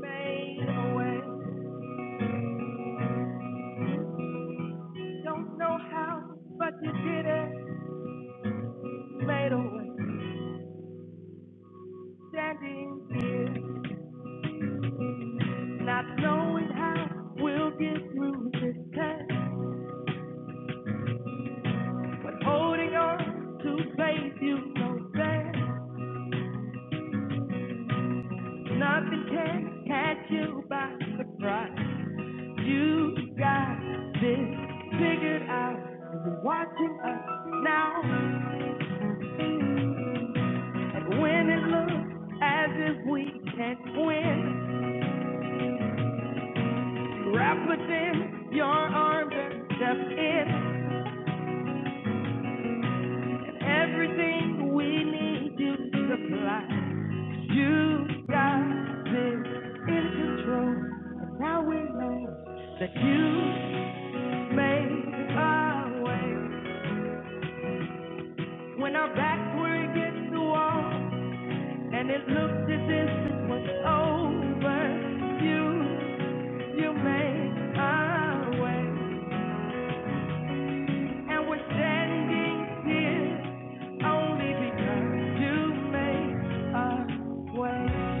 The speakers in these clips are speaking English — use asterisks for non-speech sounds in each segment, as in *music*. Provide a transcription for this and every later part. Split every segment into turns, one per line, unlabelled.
Made a way. Don't know how, but you did it. Made a way. Standing here, not knowing how we'll get through this test, but holding on to faith you know best. Nothing can catch you by surprise. You got this figured out. You've been watching us now, and when it looks as if we can't win. Wrap within your arms and step in, and everything we need you to supply. 'Cause You got this in control, and now we know that you made our way when our backs were against the wall, and it looked as if it was over. You, you made our way. And we're standing here only because you made a way.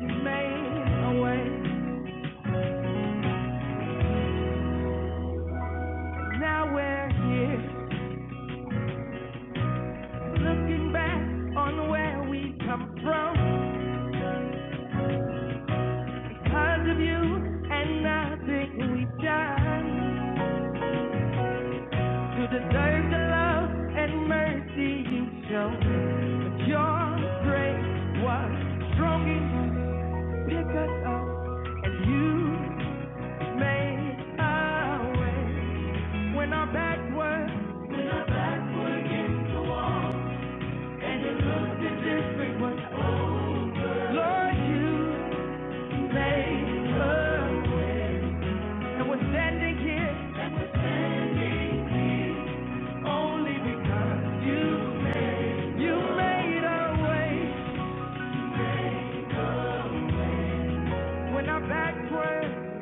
You made a way. Now we're here looking back on where we come from because of you and nothing we've done to deserve the love and mercy you show. your grace was strong enough to pick us up and you. made a way when our back was and it looked Lord, you made a and we're standing here only because you you made a way when our back was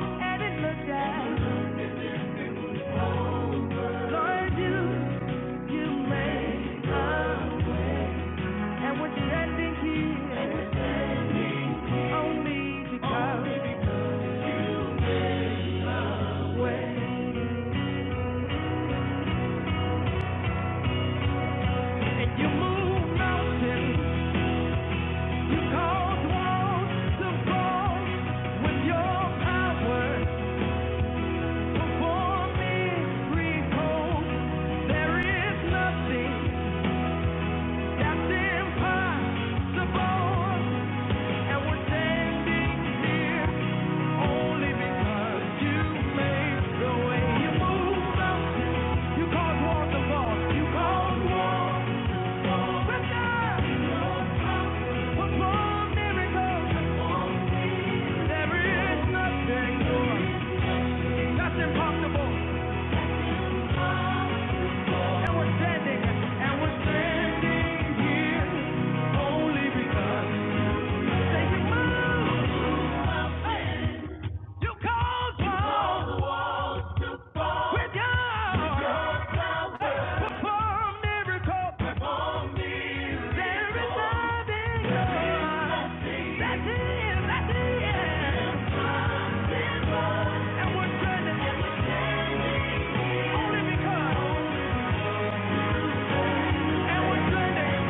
and it looked Lord, you you made a and we're standing here only because. Only because. Way. You move mountains, you cause walls to fall. With your power, perform miracles. There is nothing that's impossible, and we're standing here only because you made the way. You move mountains, you cause walls to fall. You cause walls. With your perform miracles. There is love in your eyes. That's it, that's it. And we're turning. Only because. And we're turning.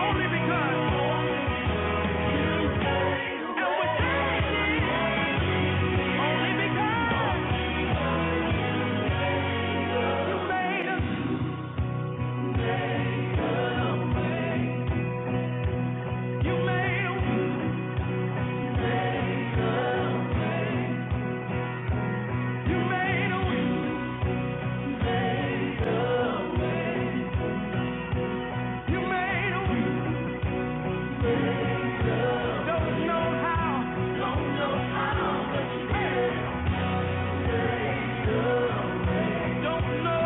Only because. And we're turning. Only because. You made us. You made us. You made us. You made us. Don't know how. Don't know.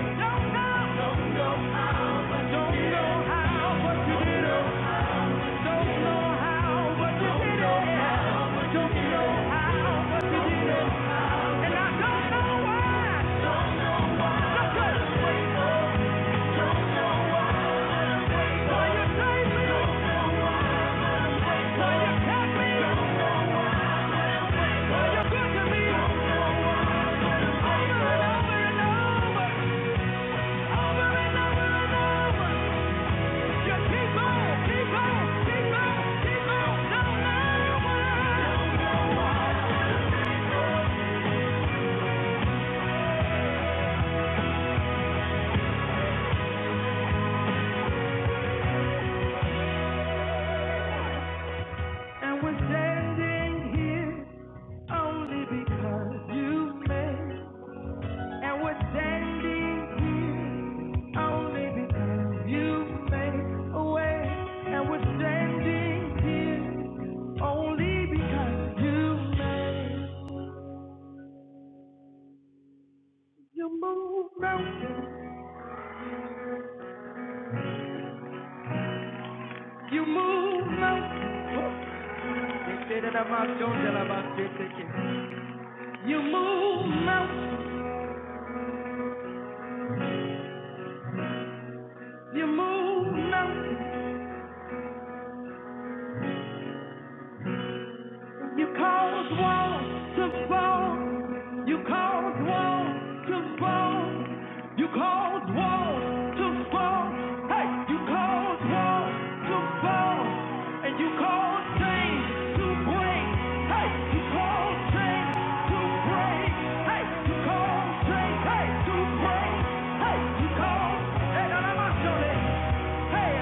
Don't know. And we're standing here only because you made And we're standing here only because you made a way. And we're standing here only because you made you move mountains. You move mountains. You move mountains. You move mountains. You cause war to fall. You cause war to fall. You cause war to fall. Hey, you cause war to fall. And you cause change to break. Hey, you cause change to break. Hey, you cause change, hey, to break. Hey, you cause, hey, now let my show that. Hey,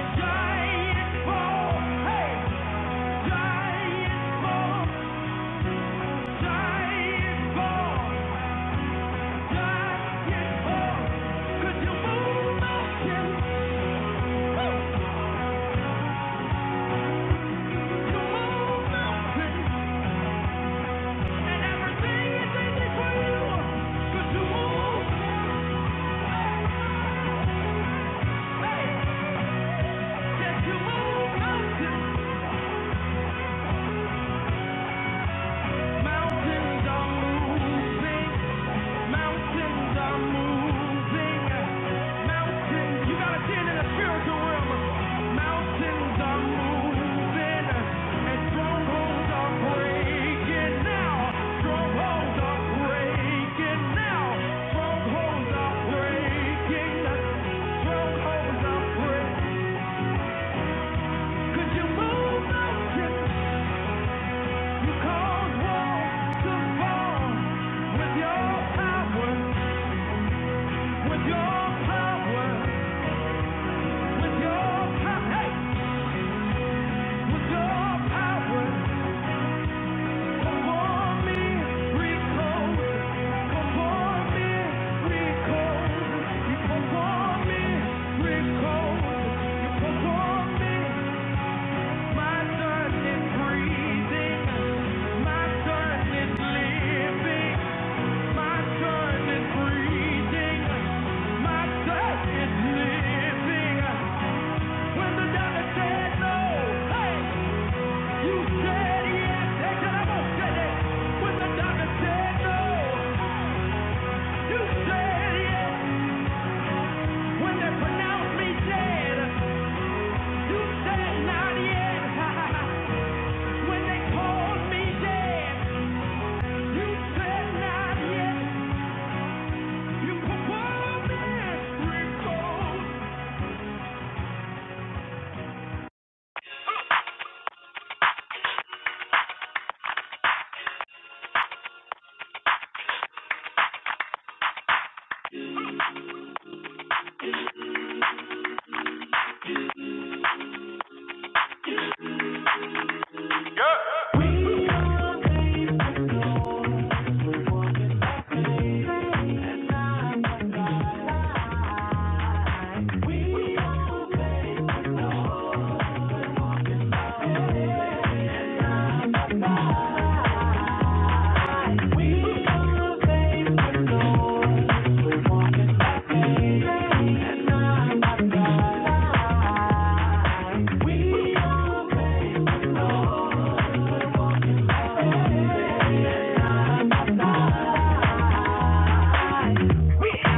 and giant fall. Hey, Mountains don't move, Mountains are moving. Mountains, you gotta see in the spiritual realm. Mountains are moving, and strongholds are breaking now. Strongholds are breaking now. Strongholds are breaking. Strongholds are breaking. you move You cause walls to fall with your power. With your power. When the doctor said no, hey! You said yes, said I'm going say that. When the doctor said no, you said yes. When they pronounced me dead, you said not yet. *laughs* when they called me dead, you said not yet. You performed miracles. We are, we, we are Lord. We are.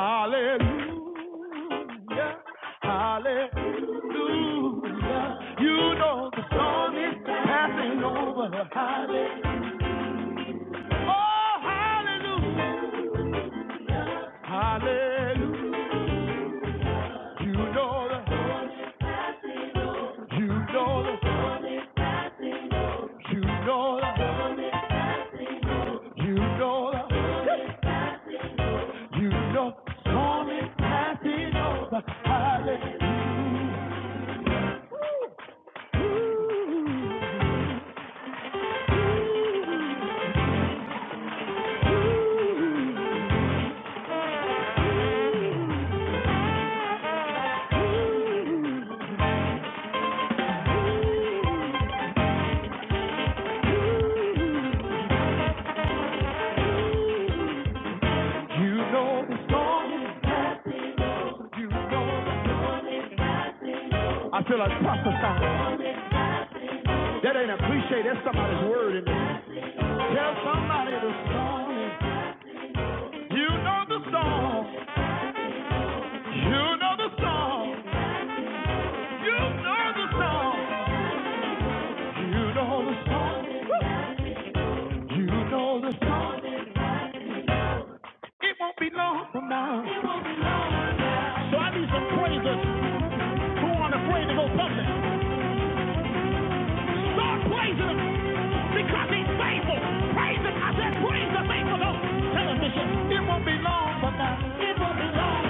Hallelujah. Hallelujah. You know the storm is passing over. Hallelujah. Oh, hallelujah. Hallelujah. You know the, you know the, you know the, you know the, you know the storm is passing over. Hallelujah. You know the storm is, you know the, I feel like prophesying. That ain't appreciate. That's somebody's word. In there. Tell somebody the song. You know the song. You know the song. You know the song. You know the song. You know the song. It won't be long from now. It won't be long. So I need some praisers who aren't afraid to go public. Start praising him because he's faithful. Praise him. I said praise the faithful. Lord. Tell him, it won't be long from now. It won't be long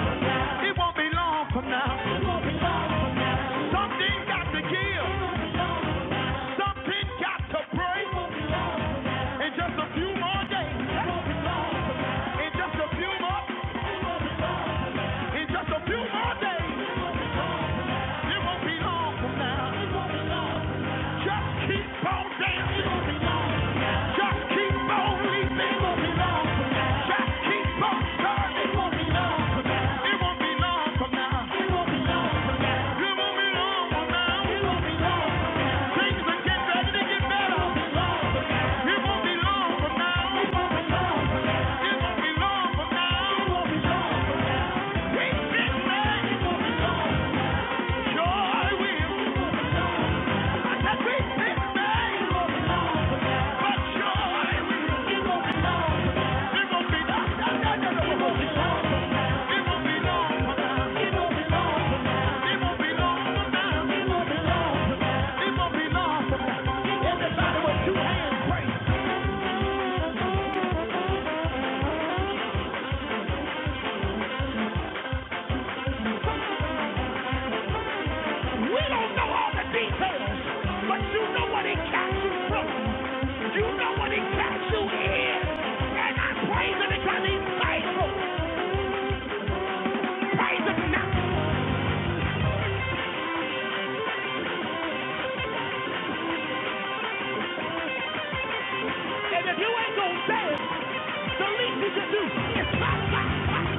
Praise him now. And if you ain't gonna dance, the least you can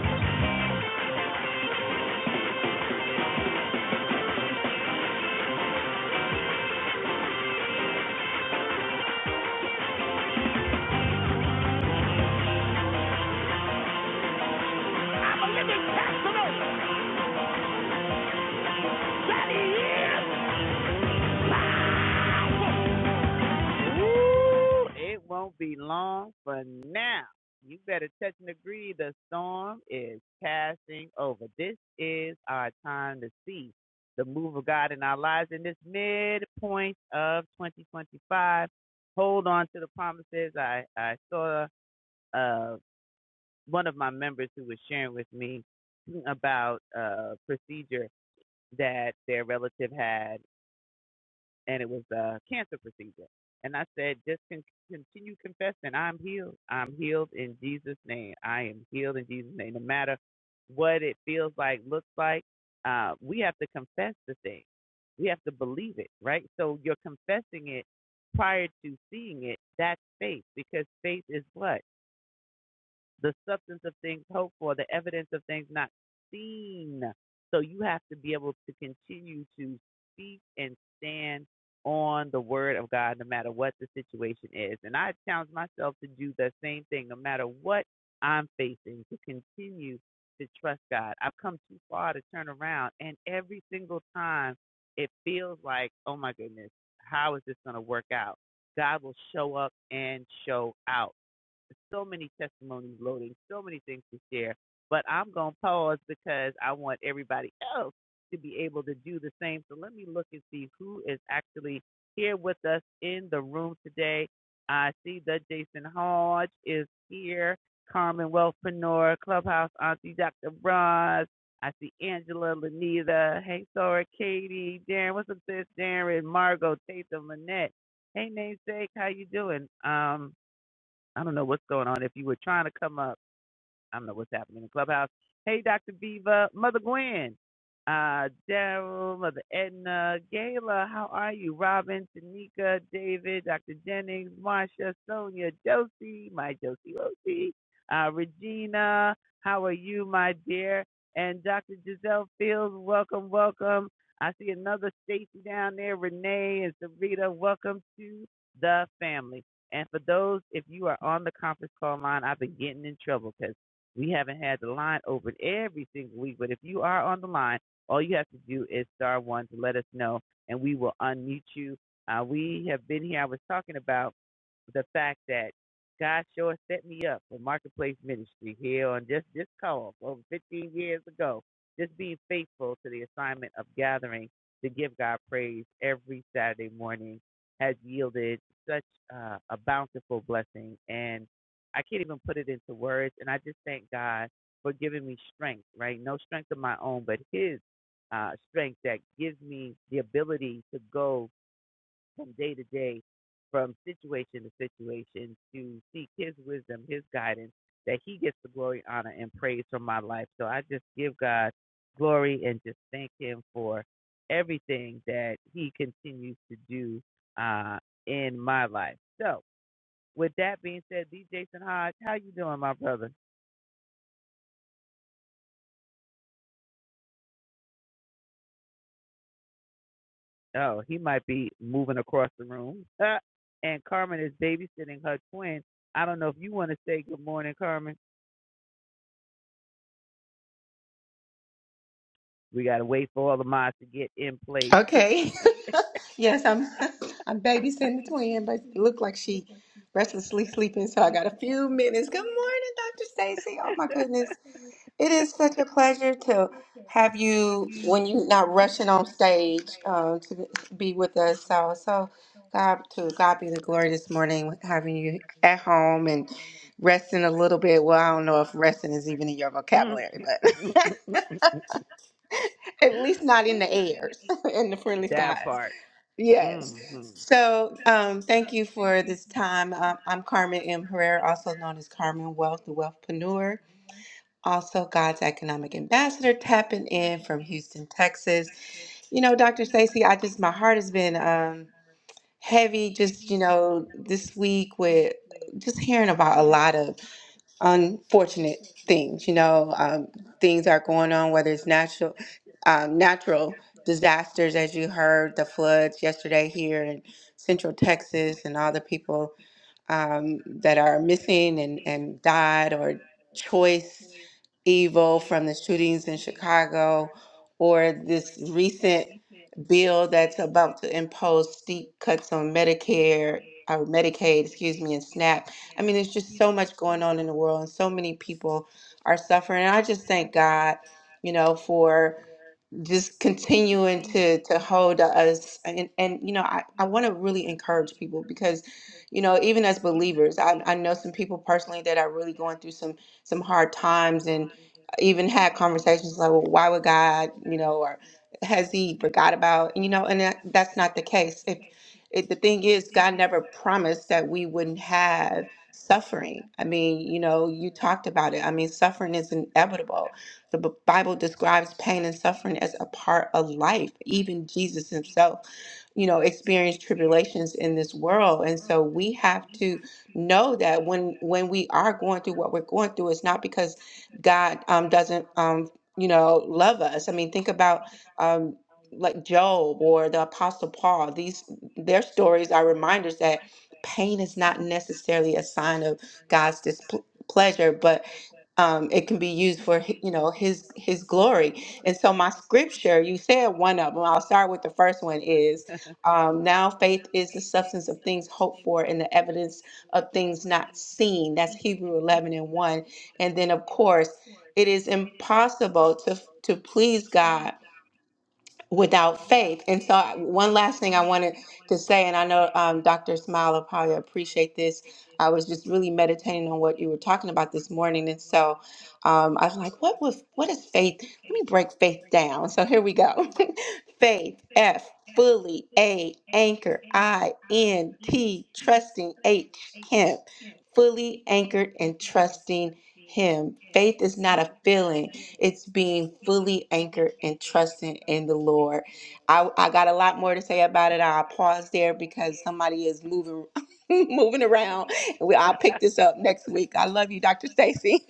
Okay. *laughs* yes, I'm *laughs* I'm babysitting the twin, but it looked like she restlessly sleeping, so I got a few minutes. Good morning, Dr. Stacy. Oh my goodness. It is such a pleasure to have you when you're not rushing on stage uh, to be with us. So so God to God be the glory this morning with having you at home and resting a little bit. Well, I don't know if resting is even in your vocabulary, but *laughs* at least not in the airs *laughs* in the friendly skies. Yes. So um, thank you for this time. Um, I'm Carmen M. Herrera, also known as Carmen Wealth, the Wealthpreneur, also God's Economic Ambassador, tapping in from Houston, Texas. You know, Dr. Stacy, I just, my heart has been um, heavy just, you know, this week with just hearing about a lot of unfortunate things. You know, um, things are going on, whether it's natural, um, natural disasters, as you heard, the floods yesterday here in Central Texas, and all the people um, that are missing and, and died or choice evil from the shootings in Chicago or this recent bill that's about to impose steep cuts on Medicare or Medicaid, excuse me, and SNAP. I mean, there's just so much going on in the world and so many people are suffering. And I just thank God, you know, for just continuing to to hold us and and you know I, I want to really encourage people because you know even as believers I, I know some people personally that are really going through some some hard times and even had conversations like well why would God you know or has he forgot about you know and that, that's not the case if it, the thing is God never promised that we wouldn't have suffering I mean you know you talked about it I mean suffering is inevitable the B- Bible describes pain and suffering as a part of life. Even Jesus himself, you know, experienced tribulations in this world. And so we have to know that when when we are going through what we're going through, it's not because God um, doesn't um, you know, love us. I mean, think about um like Job or the Apostle Paul. These their stories are reminders that pain is not necessarily a sign of God's displeasure, but um, it can be used for hi- you know his his glory and so my scripture you said one of them i'll start with the first one is um, now faith is the substance of things hoped for and the evidence of things not seen that's hebrew 11 and 1 and then of course it is impossible to to please god without faith. And so, I- one last thing I wanted to say, and I know um, Dr. Smile will probably appreciate this. I was just really meditating on what you were talking about this morning, and so um, I was like, "What was? What is faith? Let me break faith down." So here we go. *laughs* faith, F, fully, A, anchor, I, N, T, trusting, H, him, fully anchored and trusting Him. Faith is not a feeling. It's being fully anchored and trusting in the Lord. I, I got a lot more to say about it. I'll pause there because somebody is moving *laughs* moving around. We, I'll pick this up next week. I love you, Dr. Stacy. *laughs*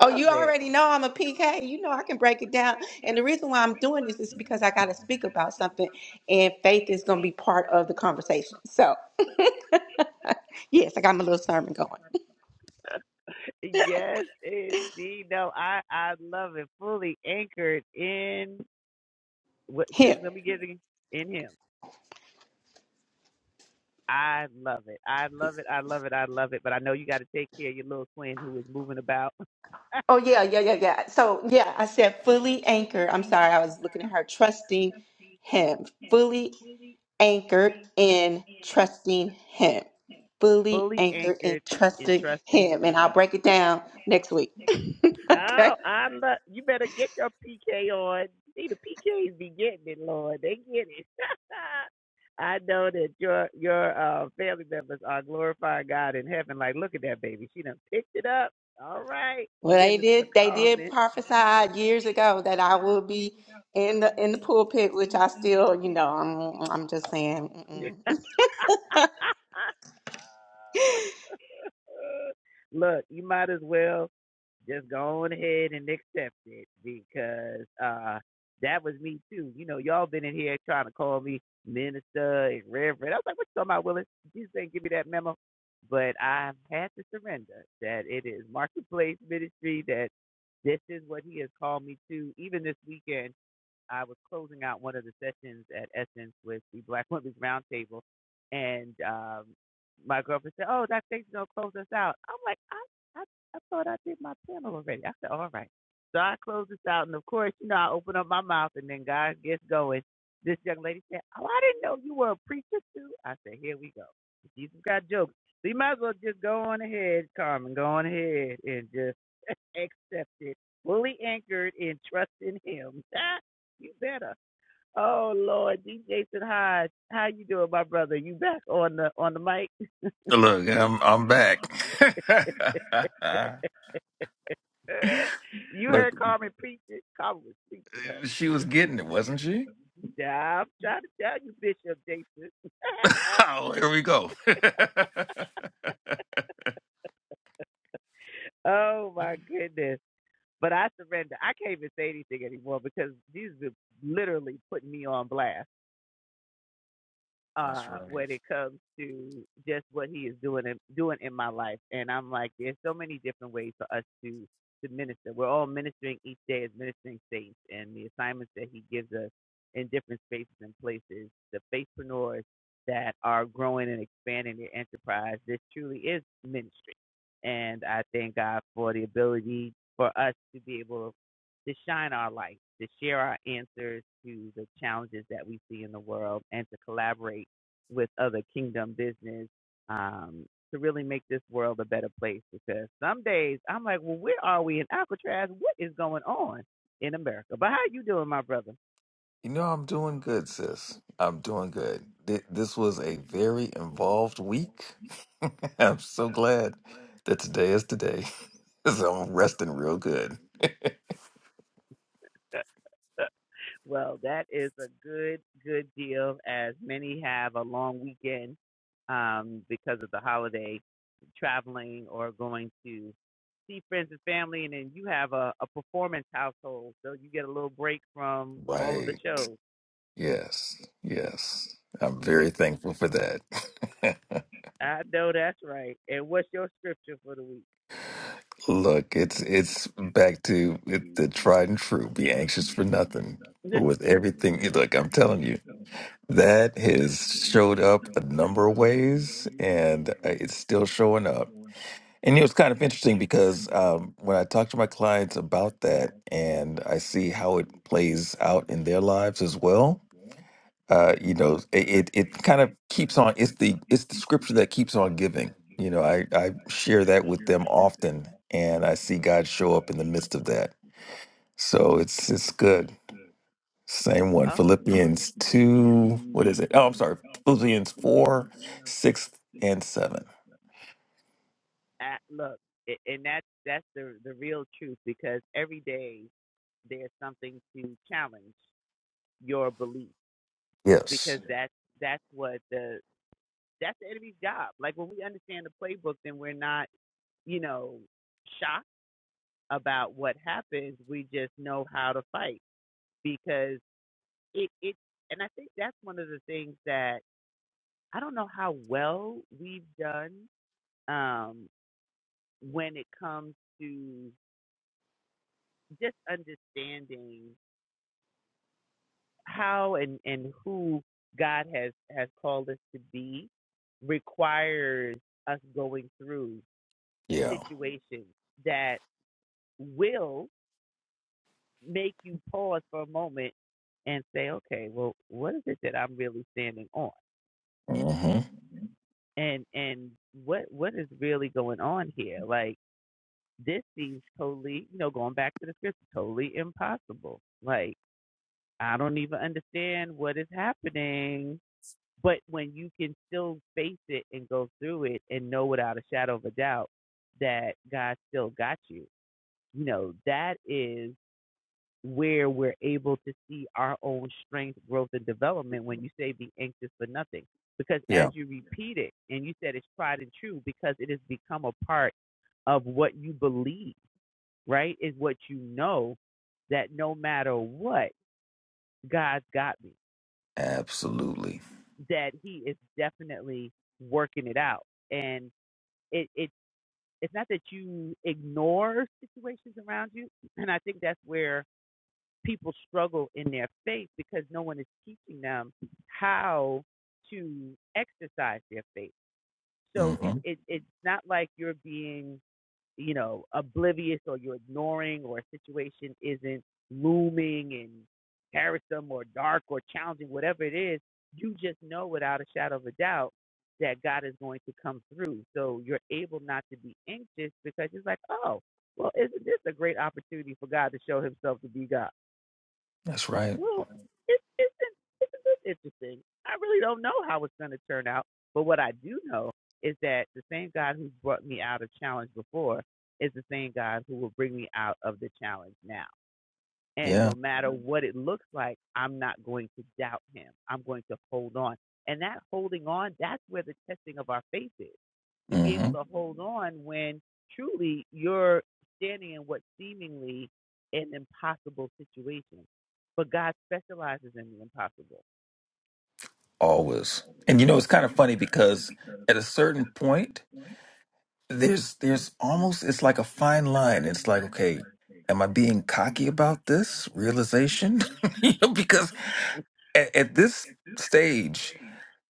Oh, you already know I'm a PK. You know I can break it down. And the reason why I'm doing this is because I got to speak about something, and faith is going to be part of the conversation. So, yes, I got my little sermon going. Here. Oh yeah, yeah, yeah, yeah. So yeah, I said fully anchored. I'm sorry, I was looking at her trusting him. Fully anchored in trusting him. Fully anchored in trusting him. And I'll break it down next week. *laughs* okay. Well they did they did prophesy years ago that I will be in the in the pulpit, which I still, you know, I'm I'm just saying.
Look, I'm I'm back. *laughs* Look, she was getting it, wasn't she? *laughs* oh, here we go. *laughs* That's right. You know, I'm doing good, sis. I'm doing good. Th- This was a very involved week. *laughs* I'm so glad that today is today. *laughs* so I'm resting real good. Right. Yes. Yes. I'm very thankful for that. *laughs* Look, it's it's back to it, the tried and true. Be anxious for nothing, but with everything, look, I'm telling you, that has showed up a number of ways, and uh, it's still showing up. And it was kind of interesting because um, when I talk to my clients about that, and I see how it plays out in their lives as well, uh, you know, it, it it kind of keeps on. It's the it's the scripture that keeps on giving. You know, I I share that with them often, and I see God show up in the midst of that. So it's it's good. Same one, Philippians two. What is it? Oh, I'm sorry, Philippians four, six and seven. Yes. Yeah. Mm-hmm. Yeah. Absolutely. Mm-hmm. That's right. Yeah. Mm-hmm. Always. And you know, it's kind of funny because at a certain point there's there's almost it's like a fine line. It's like, okay, am I being cocky about this realization? *laughs* you know, because at, at this stage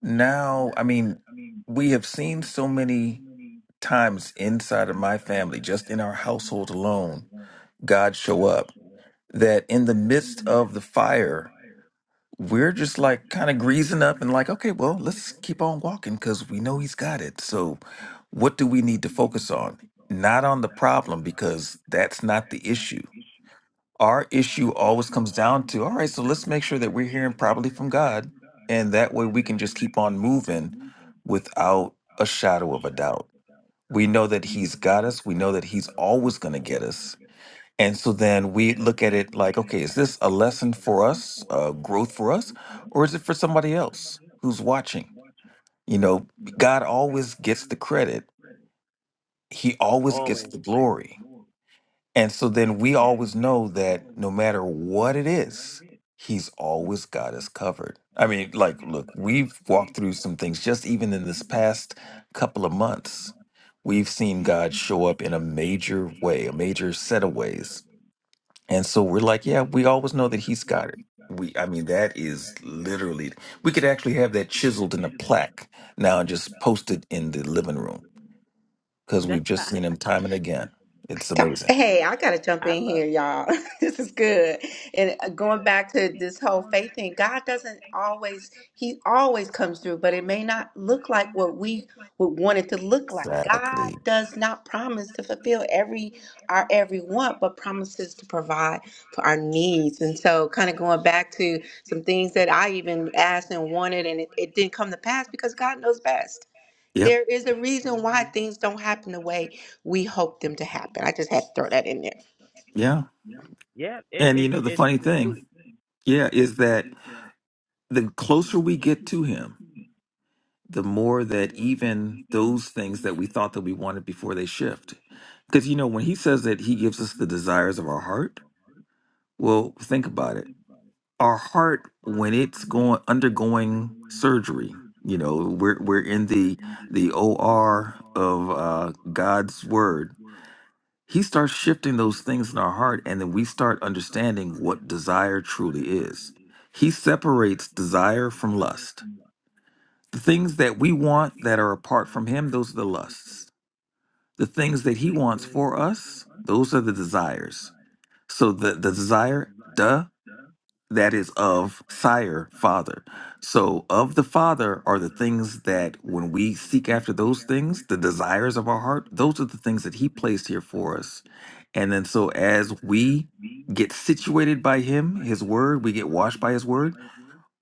now, I mean, we have seen so many times inside of my family, just in our household alone, God show up that in the midst of the fire we're just like kind of greasing up and like, okay, well, let's keep on walking because we know he's got it. So, what do we need to focus on? Not on the problem because that's not the issue. Our issue always comes down to, all right, so let's make sure that we're hearing probably from God. And that way we can just keep on moving without a shadow of a doubt. We know that he's got us, we know that he's always going to get us. And so then we look at it like, okay, is this a lesson for us, uh, growth for us, or is it for somebody else who's watching? You know, God always gets the credit, He always gets the glory. And so then we always know that no matter what it is, He's always got us covered. I mean, like, look, we've walked through some things just even in this past couple of months. We've seen God show up in a major way, a major set of ways and so we're like, yeah, we always know that he's got it. We, I mean, that is literally, we could actually have that chiseled in a plaque now and just post it in the living room because we've just seen him time and again. It's
Talk-
amazing.
Hey, I gotta jump in here, y'all. *laughs* this is good. And uh, going back to this whole faith thing, God doesn't always, He always comes through, but it may not look like what we would want it to look like. God
Exactly.
does not promise to fulfill every our every want, but promises to provide for our needs. And so kind of going back to some things that I even asked and wanted and it, it didn't come to pass because God knows best.
Yep.
There is a reason why things don't happen the way we hope them to happen. I just had to throw that in there.
Yeah. And you know, the funny thing, yeah, is that the closer we get to him, the more that even those things that we thought that we wanted before they shift. Because, you know, when he says that he gives us the desires of our heart, well, think about it. Our heart, when it's going undergoing surgery, you know, we're, we're in the the OR of uh, God's word. He starts shifting those things in our heart, and then we start understanding what desire truly is. He separates desire from lust the things that we want that are apart from Him, those are the lusts. The things that He wants for us, those are the desires. So the, the desire, duh, that is of sire, father. So of the father are the things that when we seek after those things, the desires of our heart, those are the things that He placed here for us. And then so as we get situated by Him, His word, we get washed by His word,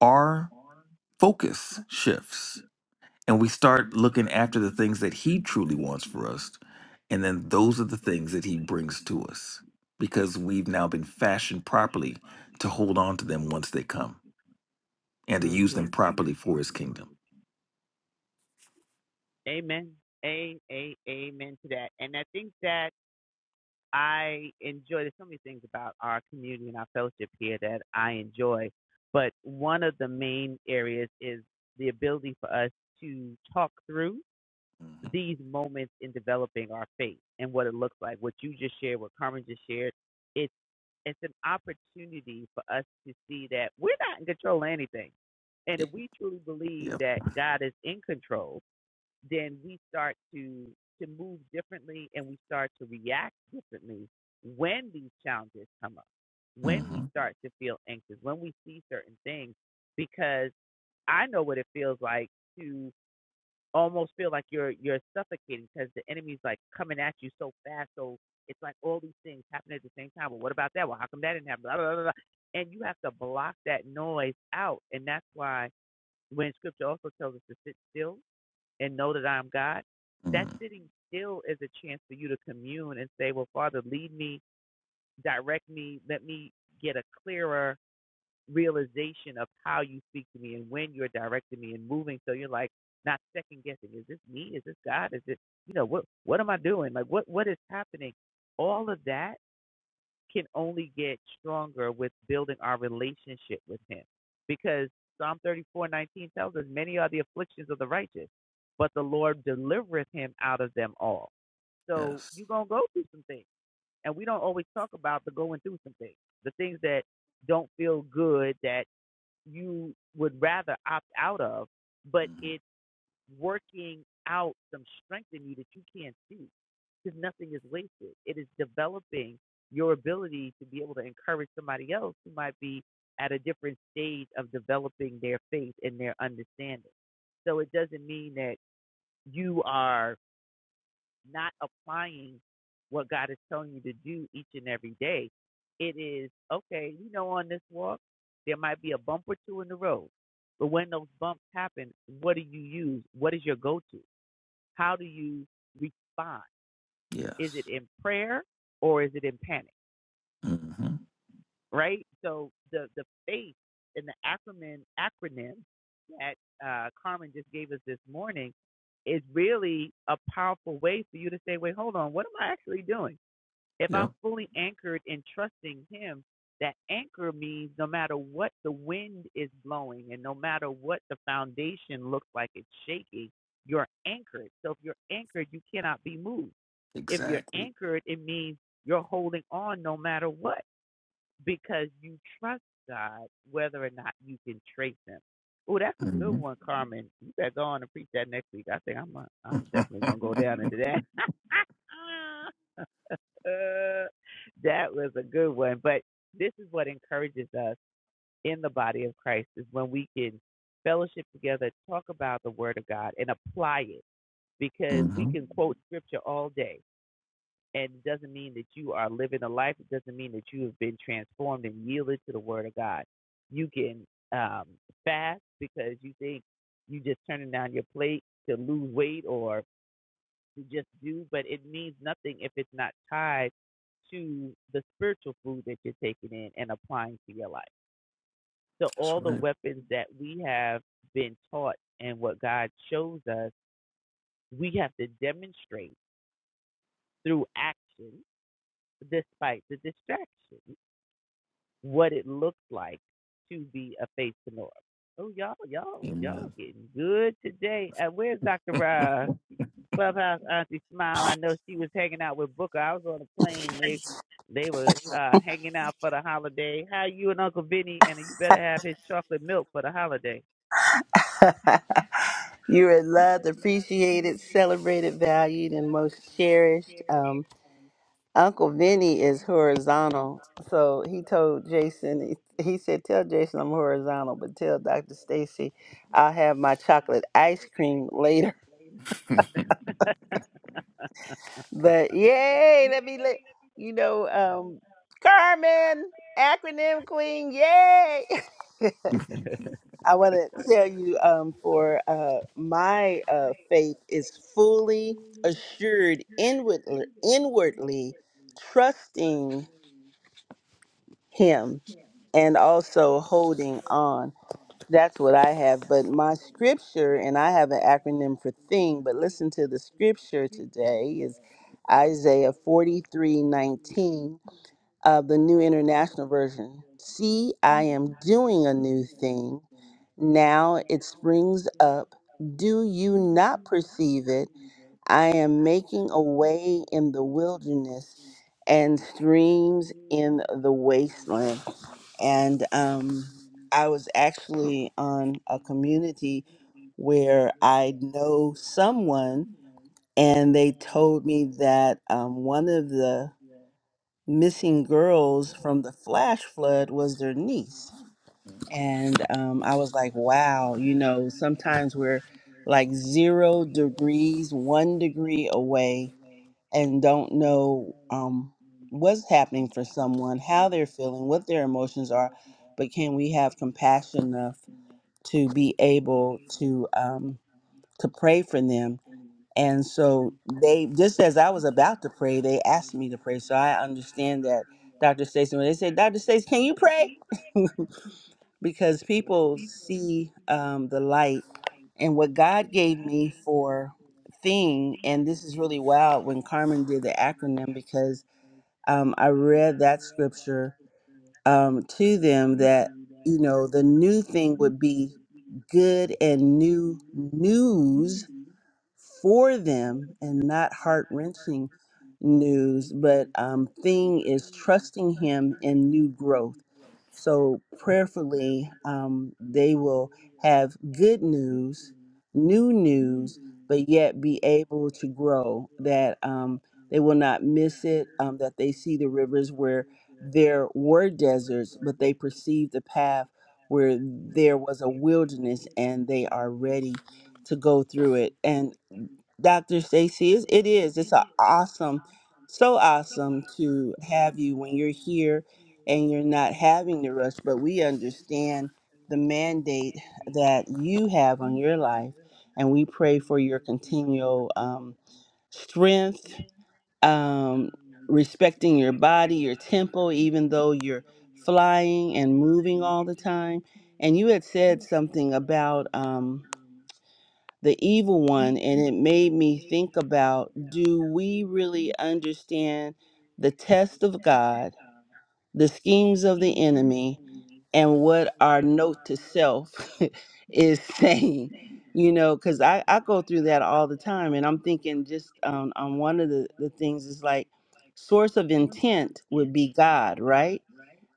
our focus shifts and we start looking after the things that he truly wants for us and then those are the things that he brings to us because we've now been fashioned properly to hold on to them once they come and to use them properly for his kingdom hmm yep hmm mm yes hmm yes hmm yep exactly hmm hmm *laughs* that's right amen
*laughs* You're loved, appreciated, celebrated, valued, and most cherished. Um, Uncle Vinny is horizontal. So he told Jason, he, he said, Tell Jason I'm horizontal, but tell Dr. Stacy I'll have my chocolate ice cream later. *laughs* But yay, let me let you know, um, Carmen, acronym queen, yay! *laughs*
*laughs*
I want to tell you um, for uh, my uh, faith is fully assured inwardly, inwardly, trusting Him and also holding on. That's what I have. But my scripture, and I have an acronym for thing, but listen to the scripture today is Isaiah forty three nineteen of the New International Version. See, I am doing a new thing. Now it springs up. Do you not perceive it? I am making a way in the wilderness and streams in the wasteland. And um, I was actually on a community where I know someone, and they told me that um, one of the missing girls from the flash flood was their niece.
mm
And um, I was like, wow, you know, sometimes we're like zero degrees, one degree away, and don't know um, what's happening for someone, how they're feeling, what their emotions are. But can we have compassion enough to be able to um, to pray for them and so they just as I was about to pray, they asked me to pray. So I understand that Dr. Stacy, when they said, Dr. Stacy, can you pray? *laughs* Because people see um, the light and what God gave me for thing, and this is really wild when Carmen did the acronym because um, I read that scripture um, to them that, you know, the new thing would be good and new news for them and not heart wrenching news, but um, thing is trusting Him in new growth. So prayerfully, um, they will have good news, new news, but yet be able to grow. That um, they will not miss it. Um, that they see the rivers where there were deserts, but they perceive the path where there was a wilderness, and they are ready to go through it. And Dr. Stacy, it it is. It's a awesome, so awesome to have you when you're here and you're not having to rush, but we understand the mandate that you have on your life. And we pray for your continual um, strength, um, respecting your body, your tempo, even though you're flying and moving all the time. And you had said something about. um, the evil one and it made me think about do we really understand the test of God, the schemes of the enemy, and what our note to self *laughs* is saying? You know, because I, I go through that all the time and I'm thinking just um, on one of the, the things is like source of intent would be God, right?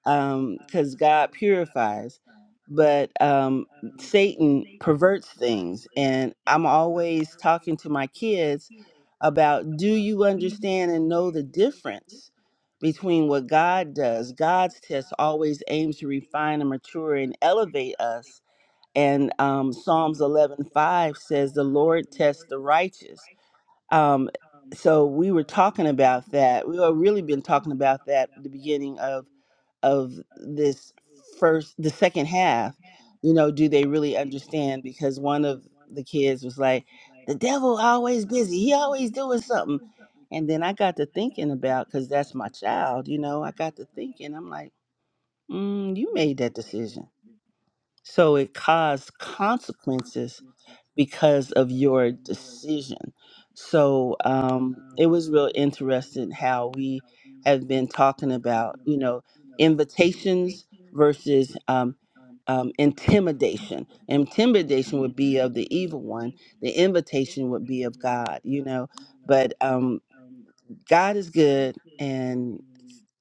because God purifies. But um, Satan perverts things. And I'm always talking to my kids about do you understand and know the difference between what God does? God's test always aims to refine and mature and elevate us. And um, Psalms 11:5 says, The Lord tests the righteous. Um, so we were talking about that. We have really been talking about that at the beginning of of this first the second half you know do they really understand because one of the kids was like the devil always busy he always doing something and then i got to thinking about because that's my child you know i got to thinking i'm like mm, you made that decision so it caused consequences because of your decision. So um, it was real interesting how we have been talking about, you know, invitations versus um, um, intimidation. Intimidation would be of the evil one. The invitation would be of God, you know. But um, God is good, and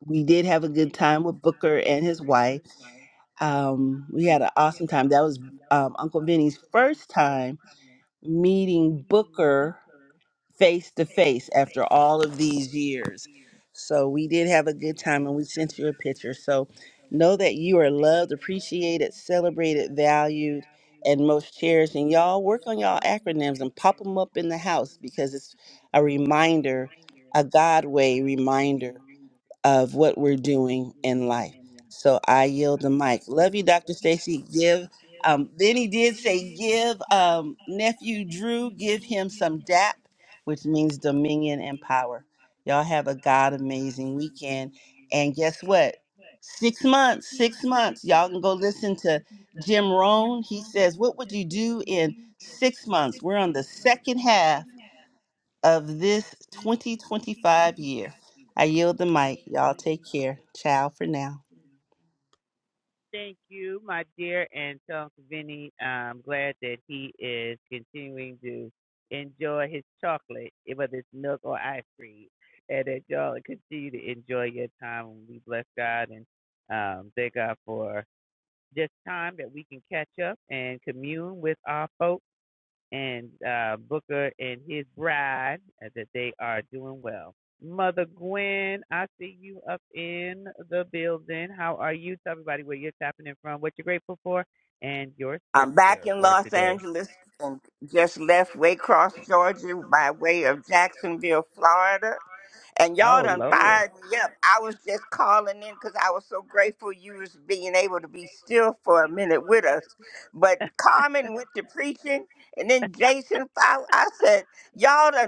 we did have a good time with Booker and his wife. Um, we had an awesome time. That was um, Uncle Vinny's first time meeting Booker face to face after all of these years. So we did have a good time and we sent you a picture. So know that you are loved, appreciated, celebrated, valued, and most cherished. And y'all work on y'all acronyms and pop them up in the house because it's a reminder, a God way reminder of what we're doing in life. So I yield the mic. Love you, Dr. Stacy. Give. Um, then he did say, give um, nephew Drew, give him some DAP, which means dominion and power. Y'all have a God amazing weekend. And guess what? Six months, six months. Y'all can go listen to Jim Rohn. He says, What would you do in six months? We're on the second half of this 2025 year. I yield the mic. Y'all take care. Ciao for now.
I'm back in Los Angeles and just left Waycross, Georgia, by way of Jacksonville, Florida. And y'all done fired me up. I was just calling in because I was so grateful you was being able to be still for a minute with us. But Carmen went to preaching, and then Jason followed. I said, y'all done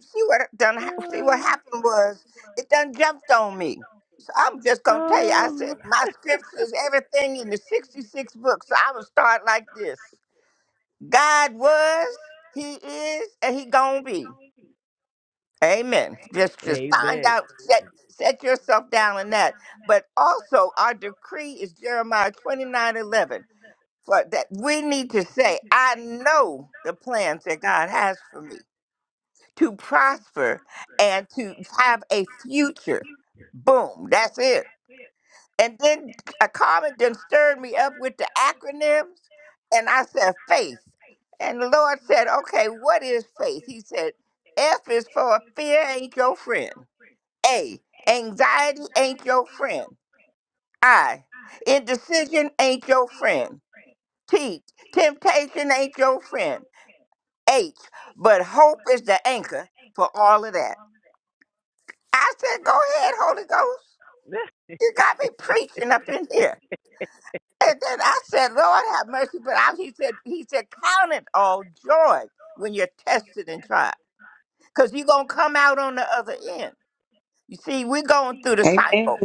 see what it done hap- see
do is
what
stop.
happened was it done jumped on me. So I'm just gonna tell you, I
Oh,
said my scriptures, everything in the 66 books. So I would start like this. God was, He is, and He gonna be. Amen. Just just find out, set set yourself down in that. But also our decree is Jeremiah 29 eleven. For that we need to say, I know the plans that God has for me to prosper and to have a future. Boom, that's it. And then a comment then stirred me up with the acronyms, and I said, faith. And the Lord said, okay, what is faith? He said, F is for fear ain't your friend. A, anxiety ain't your friend. I, indecision ain't your friend. T, temptation ain't your friend. H, but hope is the anchor for all of that. I said, Go ahead, Holy Ghost. You got me preaching up in here. And then I said, Lord have mercy. But I, he said, He said, Count it all joy when you're tested and tried. Because you're gonna come out on the other end. You see, we're going through the
Amen.
cycle.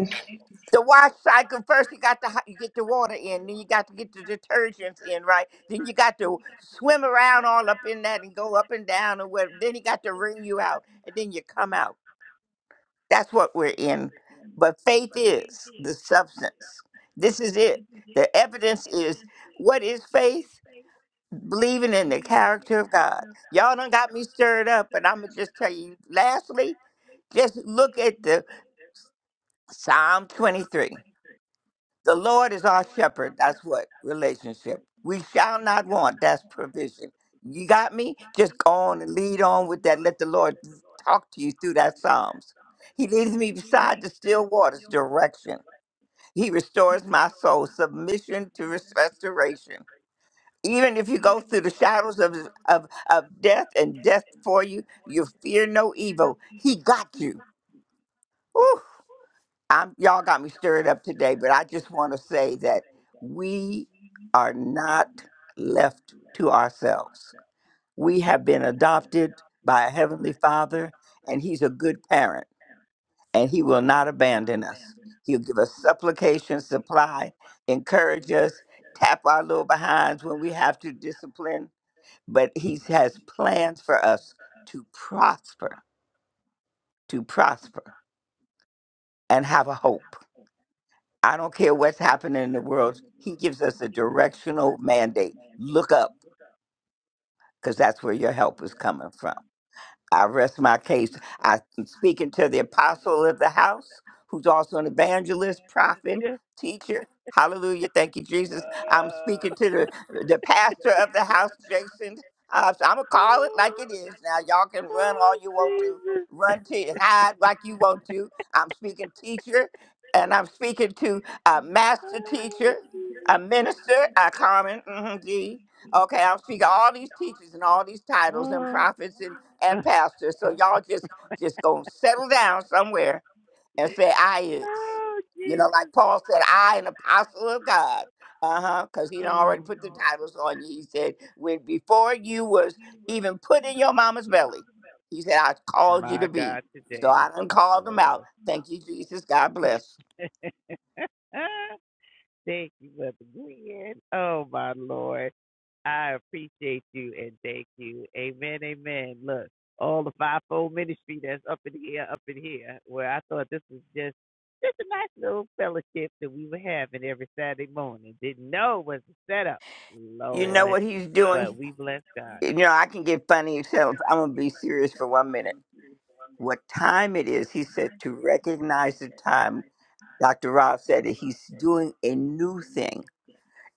The wash cycle first you got to you get the water in, then you got to get the detergents in, right? Then you got to swim around all up in that and go up and down and what then he got to wring you out and then you come out. That's what we're in. But faith is the substance. This is it. The evidence is what is faith? Believing in the character of God. Y'all done got me stirred up, but I'm going to just tell you lastly, just look at the Psalm 23. The Lord is our shepherd. That's what relationship. We shall not want. That's provision. You got me? Just go on and lead on with that. Let the Lord talk to you through that Psalms. He leads me beside the still waters direction. He restores my soul. Submission to res- restoration. Even if you go through the shadows of, of, of death and death for you, you fear no evil. He got you. I'm y'all got me stirred up today, but I just want to say that we are not left to ourselves. We have been adopted by a heavenly Father, and He's a good parent, and He will not abandon us. He'll give us supplication, supply, encourage us, tap our little behinds when we have to discipline. But He has plans for us to prosper, to prosper, and have a hope. I don't care what's happening in the world. He gives us a directional mandate. Look up, because that's where your help is coming from. I rest my case. I'm speaking to the apostle of the house, who's also an evangelist, prophet, teacher. Hallelujah. Thank you, Jesus. I'm speaking to the, the pastor of the house, Jason. Uh, so I'm going to call it like it is now. Y'all can run all you want to, run to and hide like you want to. I'm speaking teacher, and I'm speaking to a master teacher, a minister, a Carmen, mm-hmm, G. Okay, I'm speaking all these teachers and all these titles and prophets and pastor. So y'all just just gonna settle down somewhere and say I is. You know, like Paul said, I an apostle of God. Uh-huh. Because he done already put the titles on you. He said, when before you was even put in your mama's belly, he said, I called you to be. So I done called them out. Thank you, Jesus. God bless. You know what he's doing? You know, I can get funny except I'm gonna be serious for one minute. What time it is, he said, to recognize the time Dr. Rob said that he's doing a new thing.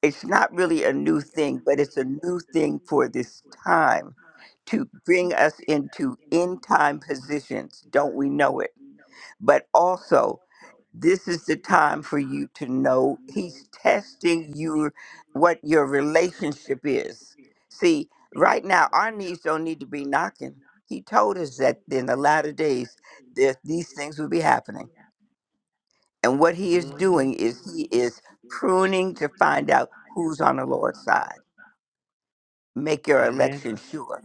It's not really a new thing, but it's a new thing for this time to bring us into end time positions. Don't we know it? But also, this is the time for you to know he's testing you what your relationship is. See, right now, our knees don't need to be knocking. He told us that in the latter days, that these things would be happening and what he is doing is he is pruning to find out who's on the Lord's side. Make your election sure.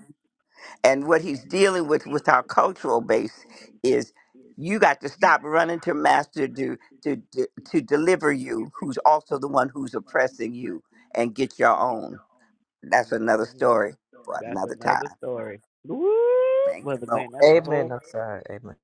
And what he's dealing with with our cultural base is you got to stop running to master to to to, to deliver you, who's also the one who's oppressing you, and get your own. That's another story for another time. Thank you, Lord.
Amen. I'm sorry. Amen.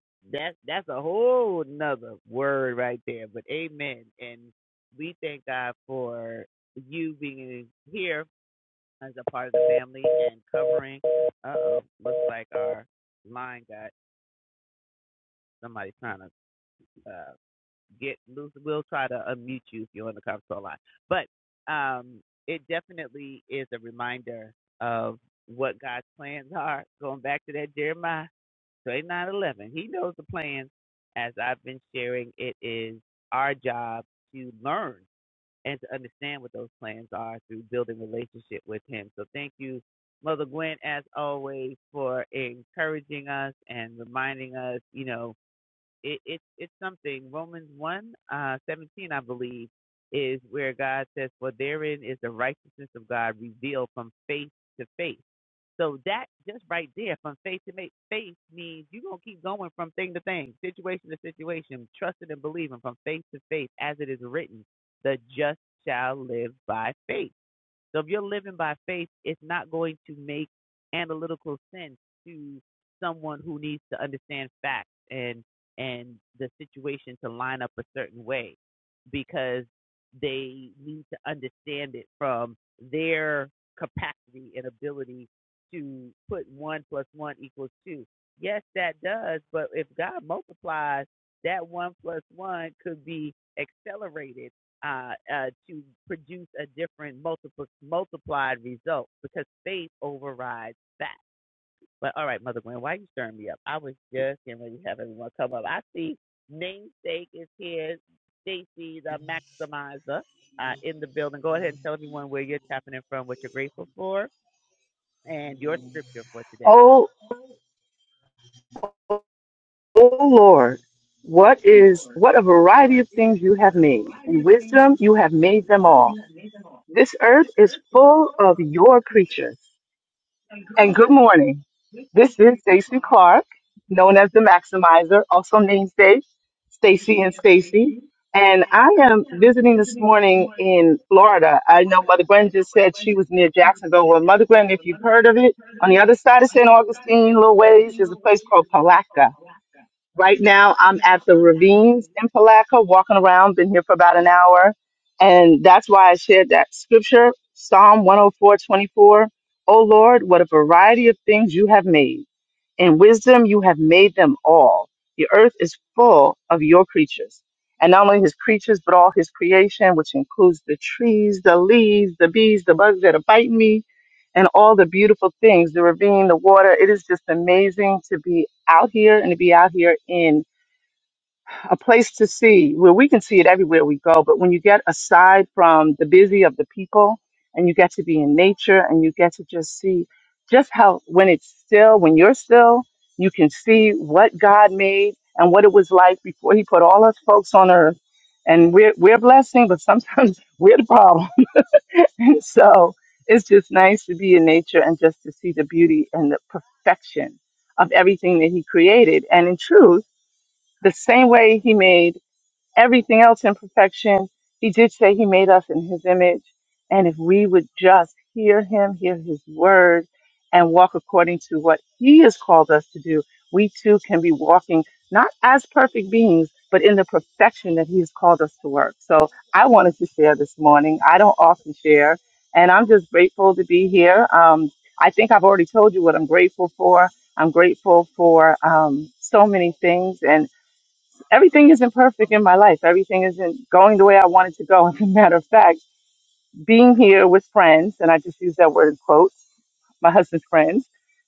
Oh, oh Lord, what is what a variety of things you have made. In wisdom you have made them all. This earth is full of your creatures. And good morning. This is Stacy Clark, known as the Maximizer, also namesake Stacy and Stacy. And I am visiting this morning in Florida. I know Mother Gwen just said she was near Jacksonville. Well, Mother Gwen, if you've heard of it, on the other side of St. Augustine, little ways, there's a place called Palatka Right now, I'm at the ravines in Palaca, walking around, been here for about an hour. And that's why I shared that scripture, Psalm 104:24. 24. Oh Lord, what a variety of things you have made. In wisdom you have made them all. The earth is full of your creatures. And not only his creatures, but all his creation, which includes the trees, the leaves, the bees, the bugs that are biting me, and all the beautiful things, the ravine, the water. It is just amazing to be out here and to be out here in a place to see where we can see it everywhere we go but when you get aside from the busy of the people and you get to be in nature and you get to just see just how when it's still when you're still you can see what god made and what it was like before he put all us folks on earth and we're we're a blessing but sometimes *laughs* we're the problem *laughs* and so it's just nice to be in nature and just to see the beauty and the perfection of everything that he created and in truth the same way he made everything else in perfection. He did say he made us in his image. And if we would just hear him, hear his word, and walk according to what he has called us to do, we too can be walking not as perfect beings, but in the perfection that he has called us to work. So I wanted to share this morning. I don't often share, and I'm just grateful to be here. Um, I think I've already told you what I'm grateful for. I'm grateful for um, so many things, everything isn't perfect in my life. Everything isn't going the way I want it to go. *laughs* As a matter of fact, being here with friends, and I just use that word in quotes, my husband's friends,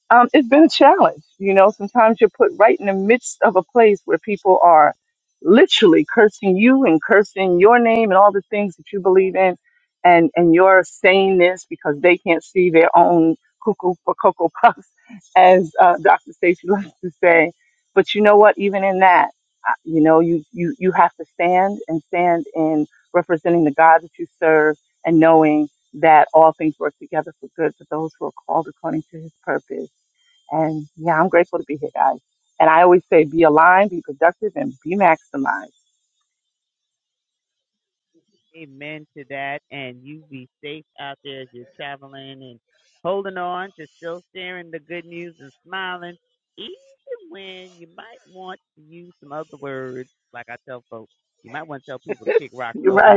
um, it's been a challenge. You know, sometimes you're put right in the midst of a place where people are literally cursing you and cursing your name and all the things that you believe in, and and you're saying this because they can't see their own cuckoo for cocoa *laughs* puffs, as uh, Dr. Stacy loves *laughs* to say. But you know what? Even in that, I- you know, you you you have to stand and stand in representing the God that you serve and knowing that all things work together for good for those who are called according to his purpose. And yeah, I'm grateful to be here, guys. And I always say be aligned, be productive, and be maximized. *laughs* You're right.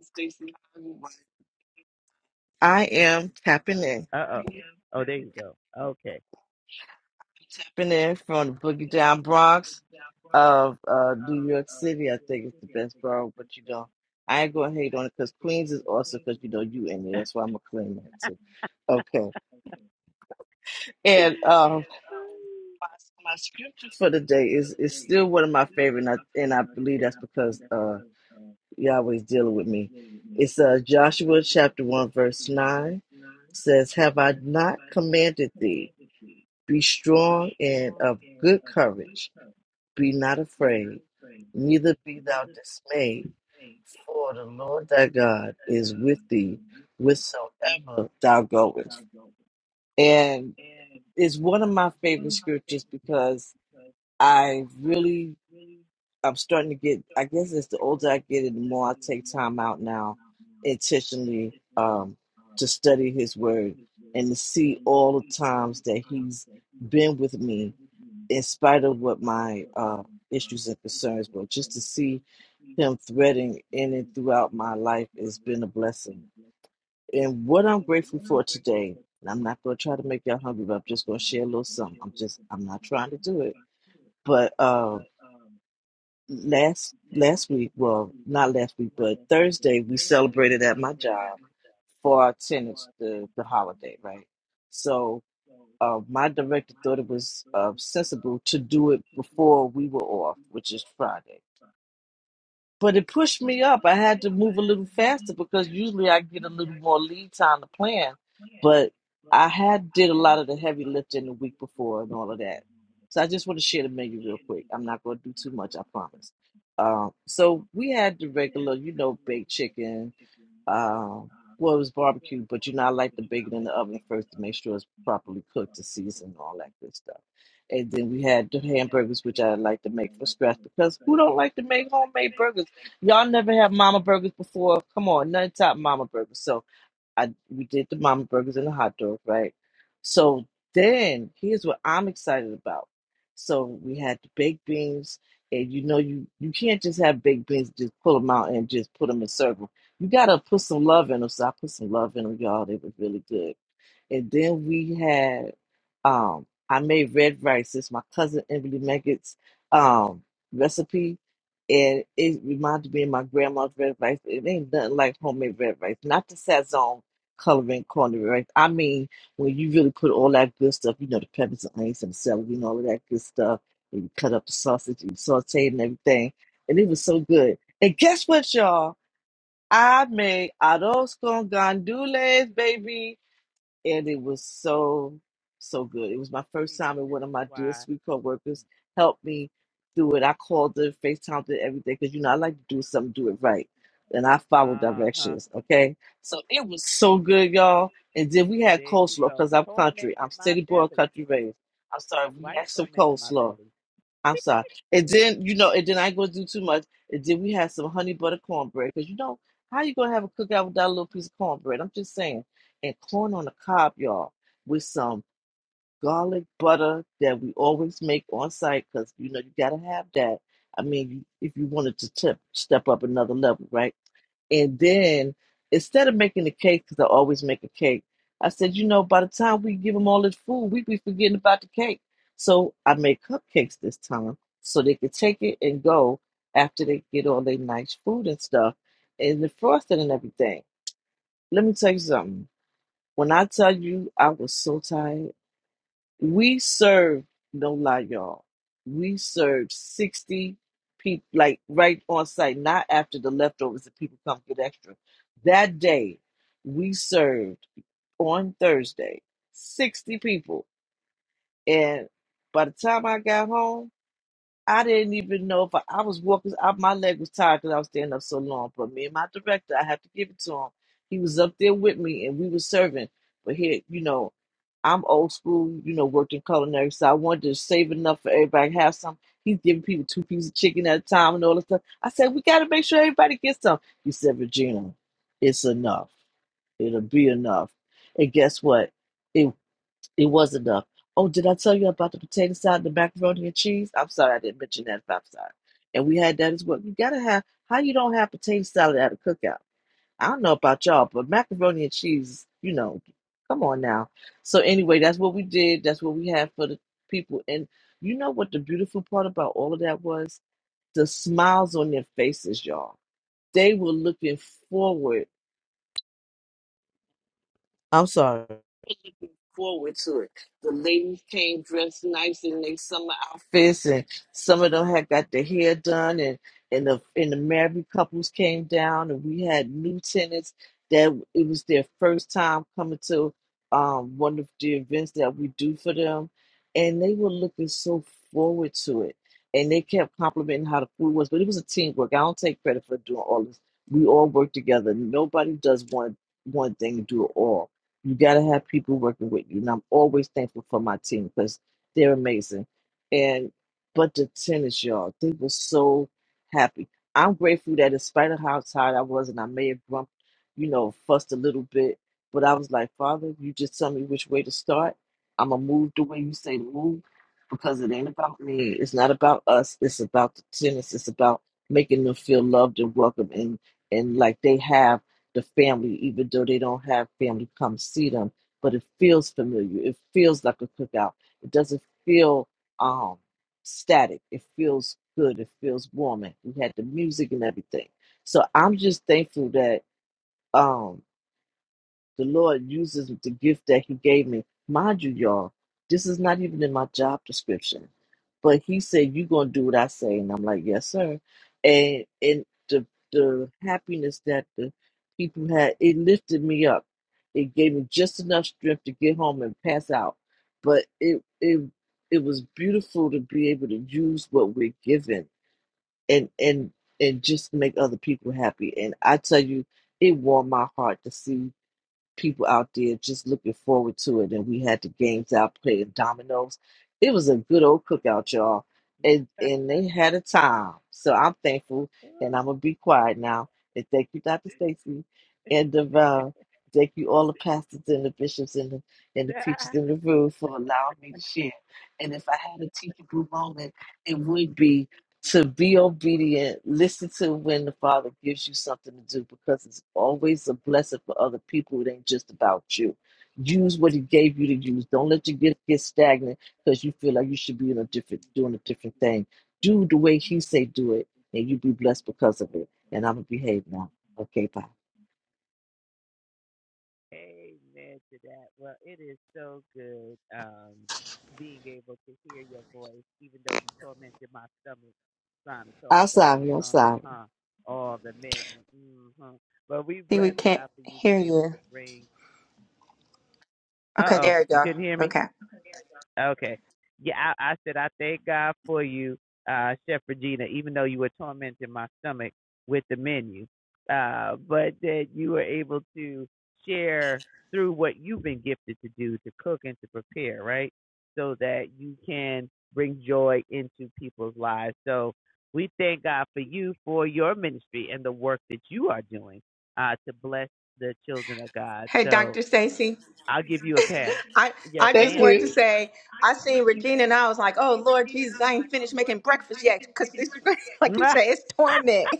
Stacy, how you doing? I am tapping in, tapping in from the Boogie Down Bronx of uh, New York City. I think it's the best borough, but you know, I ain't gonna hate on it because Queens is awesome because you know you in there. That's why I'm gonna claim that too. Okay, and um, my, my scripture for the day is is still one of my favorite, and I, and I believe that's because. uh. Yahweh's dealing with me. It's uh, Joshua chapter 1, verse 9 says, Have I not commanded thee? Be strong and of good courage. Be not afraid, neither be thou dismayed, for the Lord thy God is with thee whithersoever thou goest. And it's one of my favorite scriptures because I really I'm starting to get. I guess it's the older I get, and the more I take time out now, intentionally, um, to study His Word and to see all the times that He's been with me, in spite of what my uh, issues and concerns were. Just to see Him threading in and throughout my life has been a blessing. And what I'm grateful for today, and I'm not going to try to make y'all hungry, but I'm just going to share a little something. I'm just. I'm not trying to do it, but. Um, last last week, well, not last week, but Thursday, we celebrated at my job for our tenants the the holiday, right? So uh, my director thought it was uh, sensible to do it before we were off, which is Friday. But it pushed me up. I had to move a little faster because usually I get a little more lead time to plan. But I had did a lot of the heavy lifting the week before and all of that. So I just want to share the menu real quick. I'm not going to do too much, I promise. Um, so we had the regular, you know, baked chicken, um, well, it was barbecue, but you know, I like to bake it in the oven first to make sure it's properly cooked and seasoned and all that good stuff. And then we had the hamburgers, which I like to make from scratch because who don't like to make homemade burgers? Y'all never have mama burgers before. Come on, none top mama burgers. So I we did the mama burgers and the hot dog, right? So then here's what I'm excited about. So we had the baked beans, and you know you you can't just have baked beans just pull them out and just put them in circle. You gotta put some love in them. So I put some love in them, y'all. They were really good. And then we had um I made red rice. It's my cousin Emily Meggett's um recipe. And it reminded me of my grandma's red rice. It ain't nothing like homemade red rice. Not the Sazon coloring corned rice. I mean, when you really put all that good stuff, you know, the peppers and onions and celery and all of that good stuff, and you cut up the sausage and saute it and everything. And it was so good. And guess what, y'all? I made arroz con gandules, baby and it was so so good. It was my first time, and one of my dear sweet coworkers helped me through it. I called her, FaceTimed her, everything because you know I like to do something, do it right, and I follow directions. Okay, so it was so good, y'all. And then we had coleslaw because I'm country. I'm city boy, country raised. I'm sorry, we had some coleslaw. I'm sorry. And then you know, and then I ain't gonna do too much. And then we had some honey butter cornbread because you know how you gonna have a cookout without a little piece of cornbread? I'm just saying. And corn on the cob, y'all, with some garlic butter that we always make on site because you know you gotta have that. I mean, you- if you wanted to tip, step up another level, right? And then instead of making the cake, because I always make a cake, I said, you know, by the time we give them all this food, we be forgetting about the cake. So I made cupcakes this time so they could take it and go after they get all their nice food and stuff and the frosting and everything. Let me tell you something. When I tell you I was so tired. We served, no lie, y'all. We served 60 people, like right on site, not after the leftovers that people come get extra. That day, we served on Thursday 60 people. And by the time I got home, I didn't even know if I, I was walking. I, my leg was tired because I was standing up so long. But me and my director, I have to give it to him. He was up there with me, and we were serving. But here, you know, I'm old school. You know, worked in culinary, so I wanted to save enough for everybody to have some. He's giving people two pieces of chicken at a time and all that stuff. I said, we got to make sure everybody gets some. He said, Regina, it's enough. It'll be enough. And guess what? It it was enough. Oh, did I tell you about the potato salad, the macaroni and cheese? I'm sorry I didn't mention that. I'm sorry. And we had that as well. You gotta have how you don't have potato salad at a cookout. I don't know about y'all, but macaroni and cheese, you know, come on now. So anyway, that's what we did. That's what we had for the people. And you know what the beautiful part about all of that was? The smiles on their faces, y'all. They were looking forward. I'm sorry. forward to it. The ladies came dressed nice in their summer outfits, and some of them had got their hair done, and and the and the married couples came down, and we had new tenants that it was their first time coming to um, one of the events that we do for them, and they were looking so forward to it. And they kept complimenting how the food was, but it was a teamwork. I don't take credit for doing all this. We all work together. Nobody does one one thing and do it all you got to have people working with you. And I'm always thankful for my team because they're amazing. And, but the tennis, y'all, they were so happy. I'm grateful that in spite of how tired I was, and I may have grumped, you know, fussed a little bit, but I was like, Father, you just tell me which way to start. I'm going to move the way you say to move because it ain't about me. It's not about us. It's about the tennis. It's about making them feel loved and welcome and, and like they have the family, even though they don't have family come see them. But it feels familiar. It feels like a cookout. It doesn't feel um, static. It feels good. It feels warming. We had the music and everything. So I'm just thankful that um, the Lord uses the gift that He gave me. Mind you, y'all, this is not even in my job description but he said, "You gonna do what I say," and I'm like, "Yes, sir." And and the the happiness that the people had, it lifted me up. It gave me just enough strength to get home and pass out. But it it it was beautiful to be able to use what we're given and and and just make other people happy. And I tell you, it warmed my heart to see people out there just looking forward to it. And we had the games out playing dominoes. It was a good old cookout, y'all. And and they had a time. So I'm thankful and I'm gonna be quiet now. And thank you, Dr. Stacy. And uh, uh, thank you all the pastors and the bishops and the and the preachers in the room for allowing me to share. And if I had a teachable moment, it would be to be obedient, listen to when the Father gives you something to do because it's always a blessing for other people. It ain't just about you. Use what He gave you to use. Don't let your gift get stagnant because you feel like you should be in a different doing a different thing. Do the way He say do it, and you be blessed because of it. And I'm gonna behave now. Okay, bye. I'm sorry. I'm sorry.
See, we can't hear you. Okay, there we go. Okay. Hey, Dr. Stacy. I, I
Thank
just wanted to
you.
say I seen Regina and I was like, oh Lord Jesus, I ain't finished making breakfast yet. Cause it's *laughs* like you say, it's torment.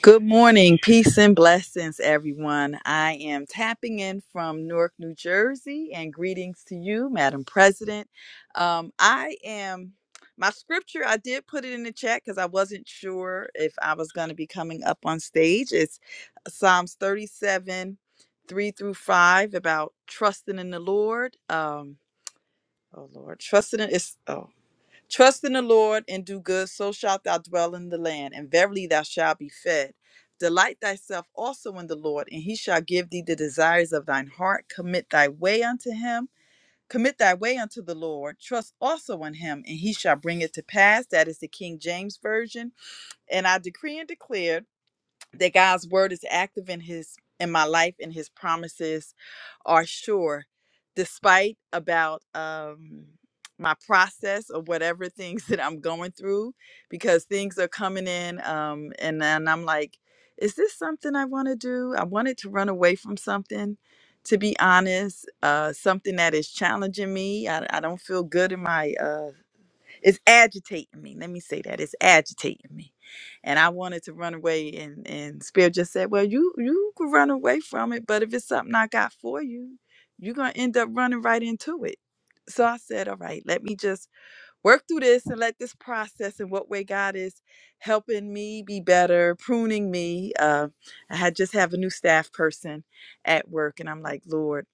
Good morning, peace and blessings, everyone. I am tapping in from Newark, New Jersey, and greetings to you, Madam President. Um, I am my scripture. I did put it in the chat because I wasn't sure if I was going to be coming up on stage. It's Psalms thirty-seven, three through five, about trusting in the Lord. Um, oh Lord, trusting in it's. Oh Trust in the Lord and do good, so shalt thou dwell in the land, and verily thou shalt be fed. Delight thyself also in the Lord, and he shall give thee the desires of thine heart. Commit thy way unto him. Commit thy way unto the Lord. Trust also in him, and he shall bring it to pass. That is the King James Version. And I decree and declare that God's word is active in his in my life and his promises are sure despite about um my process of whatever things *laughs* that I'm going through because things are coming in um and then I'm like is this something I want to do? I wanted to run away from something to be honest, uh something that is challenging me. I, I don't feel good in my uh it's agitating me. Let me say that it's agitating me, and I wanted to run away. And and Spirit just said, "Well, you you could run away from it, but if it's something I got for you, you're gonna end up running right into it." So I said, "All right, let me just work through this and let this process and what way God is helping me be better, pruning me." Uh, I had just have a new staff person at work, and I'm like, "Lord."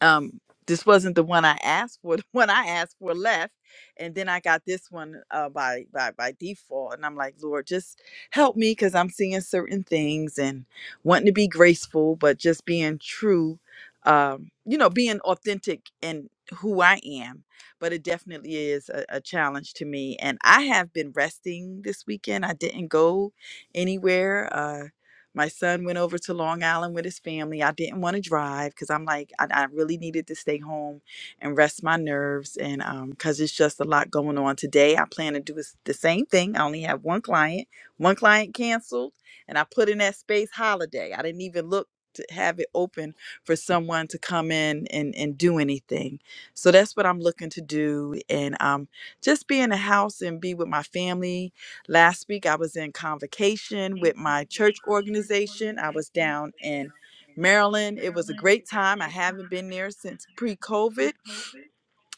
um this wasn't the one I asked for. *laughs* The one I asked for left, and then I got this one uh, by by by default. And I'm like, Lord, just help me because I'm seeing certain things and wanting to be graceful, but just being true. Um, you know, being authentic in who I am. But it definitely is a, a challenge to me. And I have been resting this weekend. I didn't go anywhere. Uh, my son went over to Long Island with his family. I didn't want to drive because I'm like, I, I really needed to stay home and rest my nerves. And because it's just a lot going on today, I plan to do s- the same thing. I only have one client, one client canceled, and I put in that space holiday. I didn't even look to have it open for someone to come in and, and do anything. So that's what I'm looking to do. And um, just be in the house and be with my family Last week, I was in convocation with my church organization. I was down in Maryland. It was a great time. I haven't been there since pre COVID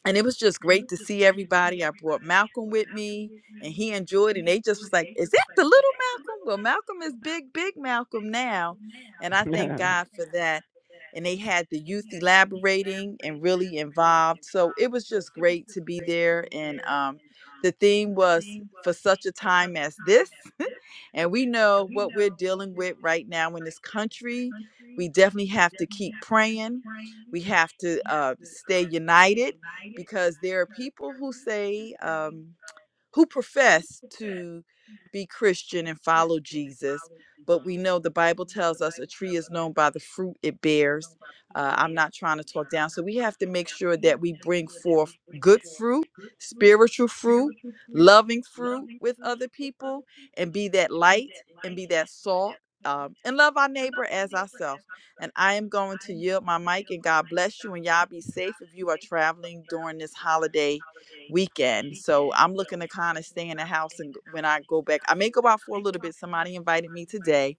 and it was just great to see everybody. I brought Malcolm with me, and he enjoyed. And they just was like, "Is that the little Malcolm?" Well, Malcolm is big, big Malcolm now, and I thank God for that. And they had the youth elaborating and really involved. So it was just great to be there. And um, the theme was for such a time as this. *laughs* And we know what we're dealing with right now in this country. We definitely have to keep praying. We have to uh, stay united because there are people who say, um, who profess to be Christian and follow Jesus. But we know the Bible tells us a tree is known by the fruit it bears. Uh, I'm not trying to talk down. So we have to make sure that we bring forth good fruit, spiritual fruit, loving fruit with other people, and be that light and be that salt um, and love our neighbor as ourselves. And I am going to yield my mic and God bless you. And y'all be safe if you are traveling during this holiday weekend. So I'm looking to kind of stay in the house and g- when I go back, I may go out for a little bit. Somebody invited me today,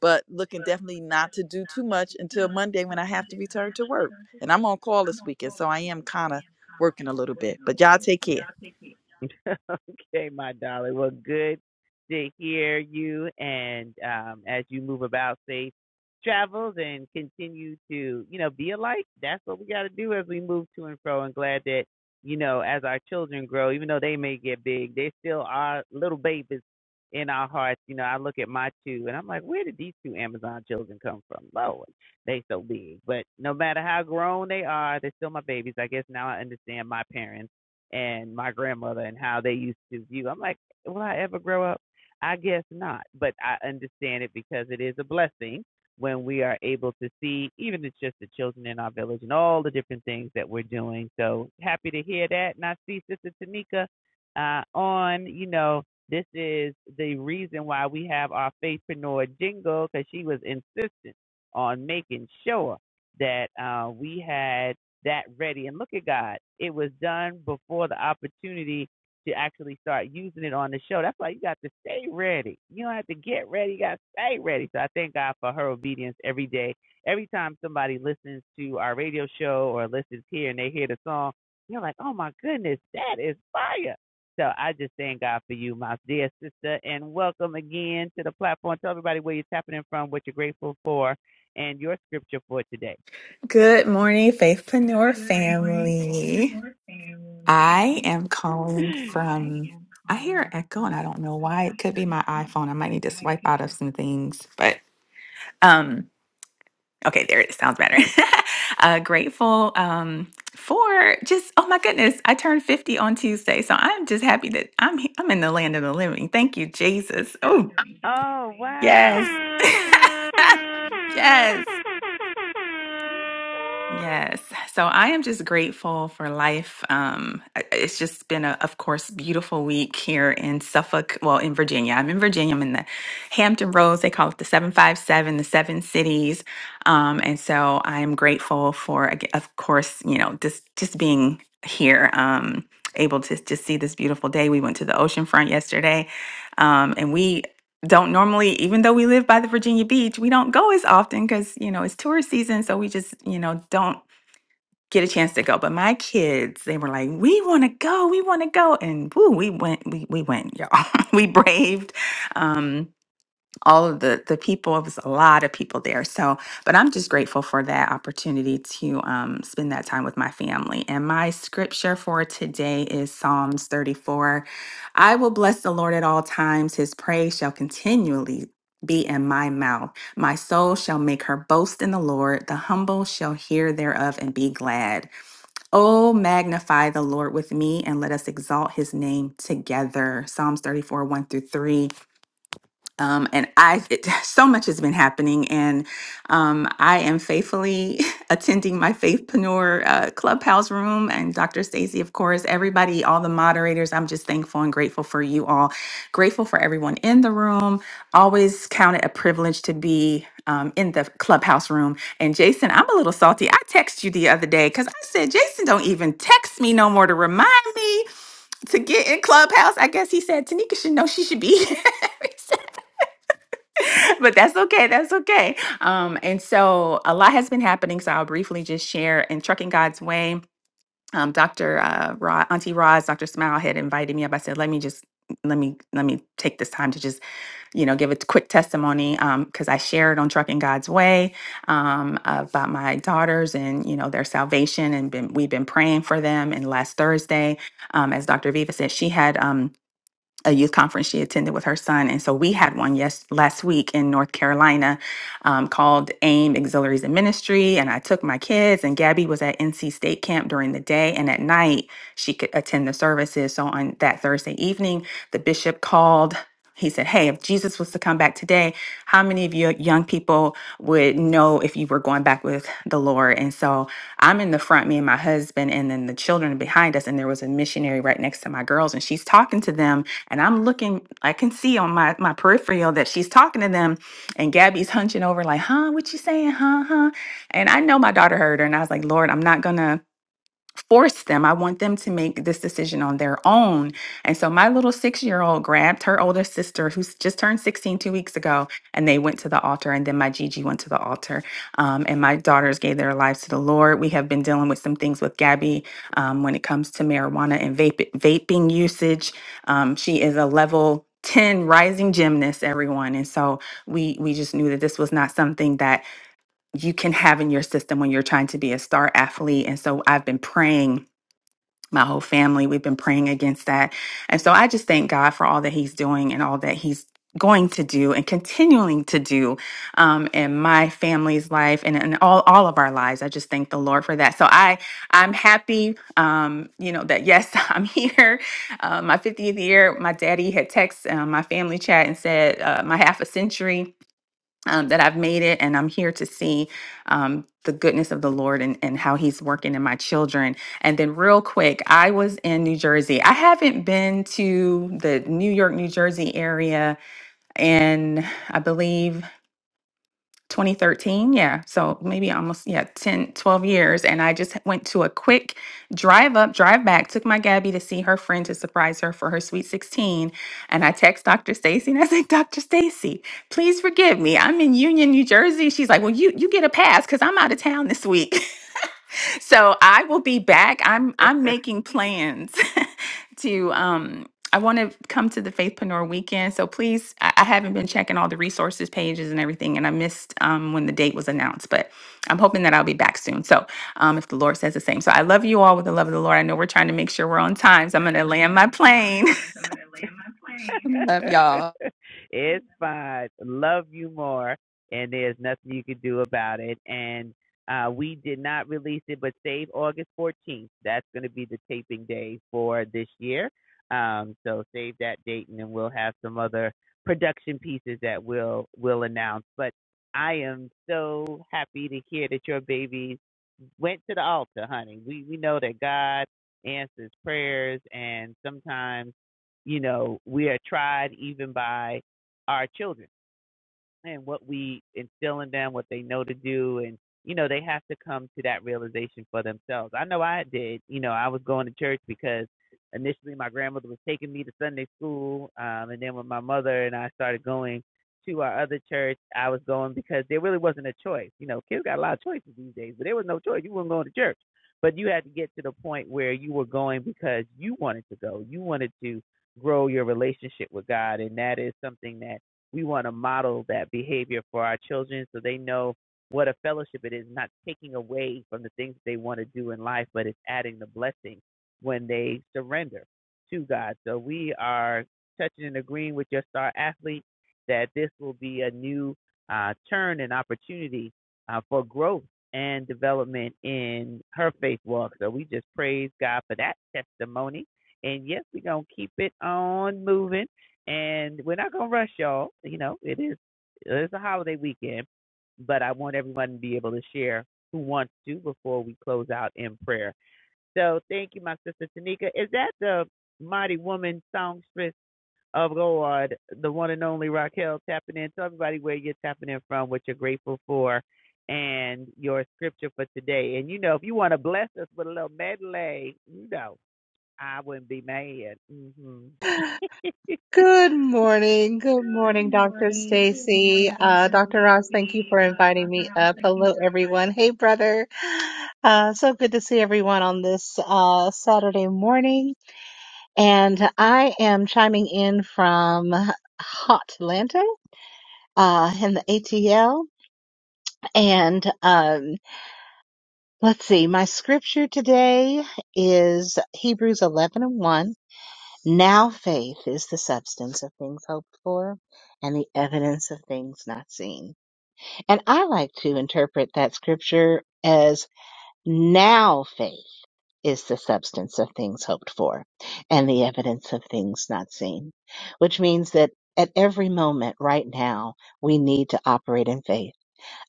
but looking definitely not to do too much until Monday when I have to return to work. And I'm on call this weekend, so I am kind of working a little bit. But y'all take care.
Good morning, Faithpreneur family. I am calling from, I hear an echo and I don't know why. It could be my iPhone. I might need to swipe out of some things, but um, okay, there it is. sounds better. *laughs* uh, grateful um, for just, oh my goodness, I turned 50 on Tuesday. So I'm just happy that I'm, he- I'm in the land of the living. Thank you, Jesus. Oh, yes. *laughs* yes. Yes. So I am just grateful for life. Um, I- it's just been a, of course, beautiful week here in Suffolk, well, in Virginia. I'm in Virginia. I'm in the Hampton Roads. They call it the 757, the seven cities. Um, and so I am grateful for, ag- of course, you know, just, just being here, um, able to just see this beautiful day. We went to the ocean front yesterday. Um, and we don't normally even though we live by the Virginia Beach, we don't go as often cuz you know, it's tourist season, so we just, you know, don't get a chance to go. But my kids, they were like, "We want to go. We want to go." And woo, we went we we went, y'all. *laughs* we braved. Um all of the the people it was a lot of people there so but i'm just grateful for that opportunity to um, spend that time with my family and my scripture for today is psalms 34 i will bless the lord at all times his praise shall continually be in my mouth my soul shall make her boast in the lord the humble shall hear thereof and be glad oh magnify the lord with me and let us exalt his name together psalms 34 1 through 3 um, and I, it, *laughs* so much has been happening, and um, I am faithfully *laughs* attending my Faithpreneur uh, Clubhouse room, and Dr. Stacy, of course, everybody, all the moderators. I'm just thankful and grateful for you all. Grateful for everyone in the room. Always count it a privilege to be um, in the Clubhouse room. And Jason, I'm a little salty. I texted you the other day because I said Jason don't even text me no more to remind me to get in Clubhouse. I guess he said Tanika should know she should be. *laughs* *laughs* but that's okay. That's okay. Um, and so a lot has been happening. So I'll briefly just share in Trucking God's Way. Um, Dr. Uh, Ra- Auntie Roz, Dr. Smile had invited me up. I said, let me just let me let me take this time to just you know give a quick testimony because I shared on Trucking God's Way um, about my daughters and you know their salvation and been, we've been praying for them. And last Thursday, um, as Dr. Viva said, she had. Um, a youth conference she attended with her son. And so we had one yes last week in North Carolina um, called AIM Auxiliaries and Ministry. And I took my kids and Gabby was at NC State camp during the day and at night she could attend the services. So on that Thursday evening, the bishop called. He said, Hey, if Jesus was to come back today, how many of you young people would know if you were going back with the Lord? And so I'm in the front, me and my husband, and then the children behind us. And there was a missionary right next to my girls, and she's talking to them and I'm looking, I can see on my, my peripheral that she's talking to them. And Gabby's hunching over, like, huh, what you saying? Huh, huh. And I know my daughter heard her. And I was like, Lord, I'm not gonna force them. I want them to make this decision on their own. And so my little six year old grabbed her older sister, who's just turned sixteen two weeks ago, and they went to the altar. And then my Gigi went to the altar. Um, and my daughters gave their lives to the Lord. We have been dealing with some things with Gabby um, when it comes to marijuana and vape- vaping usage. Um, she is a level 10 rising gymnast everyone and so we we just knew that this was not something that you can have in your system when you're trying to be a star athlete and so i've been praying my whole family. We've been praying against that. And so I just thank God for all that He's doing and all that He's going to do and continuing to do um, in my family's life and in all, all of our lives. I just thank the Lord for that. So I, I'm happy, um, you know, that yes, *laughs* I'm here. Uh, my 50th year, my daddy had texted uh, my family chat and said uh, my half a century um, that I've made it, and I'm here to see um, the goodness of the Lord and, and how He's working in my children. And then, real quick, I was in New Jersey. I haven't been to the New York, New Jersey area, and I believe. 2013 yeah so maybe almost yeah 10, 12 years and i just went to a quick drive up drive back took my gabby to see her friend to surprise her for her sweet 16 and i text dr stacy and i said dr stacy please forgive me i'm in union new jersey she's like well you you get a pass because i'm out of town this week *laughs* so I will be back. I'm I'm making plans *laughs* to um I want to come to the Faithpreneur weekend. So please, I, I haven't been checking all the resources pages and everything, and I missed um when the date was announced, but I'm hoping that I'll be back soon. So um if the Lord says the same. So I love you all with the love of the Lord. I know we're trying to make sure we're on time. So I'm gonna land my plane. *laughs*
Good morning. Good morning, Dr. Stacy. Uh, Dr. Ross, thank you for inviting me up. Hello, everyone. Hey, brother. Uh, so good to see everyone on this uh, Saturday morning. And I am chiming in from Hot Atlanta uh, in the ATL. And um, let's see, my scripture today is Hebrews 11 and 1. Now faith is the substance of things hoped for and the evidence of things not seen. And I like to interpret that scripture as now faith is the substance of things hoped for and the evidence of things not seen, which means that at every moment right now, we need to operate in faith.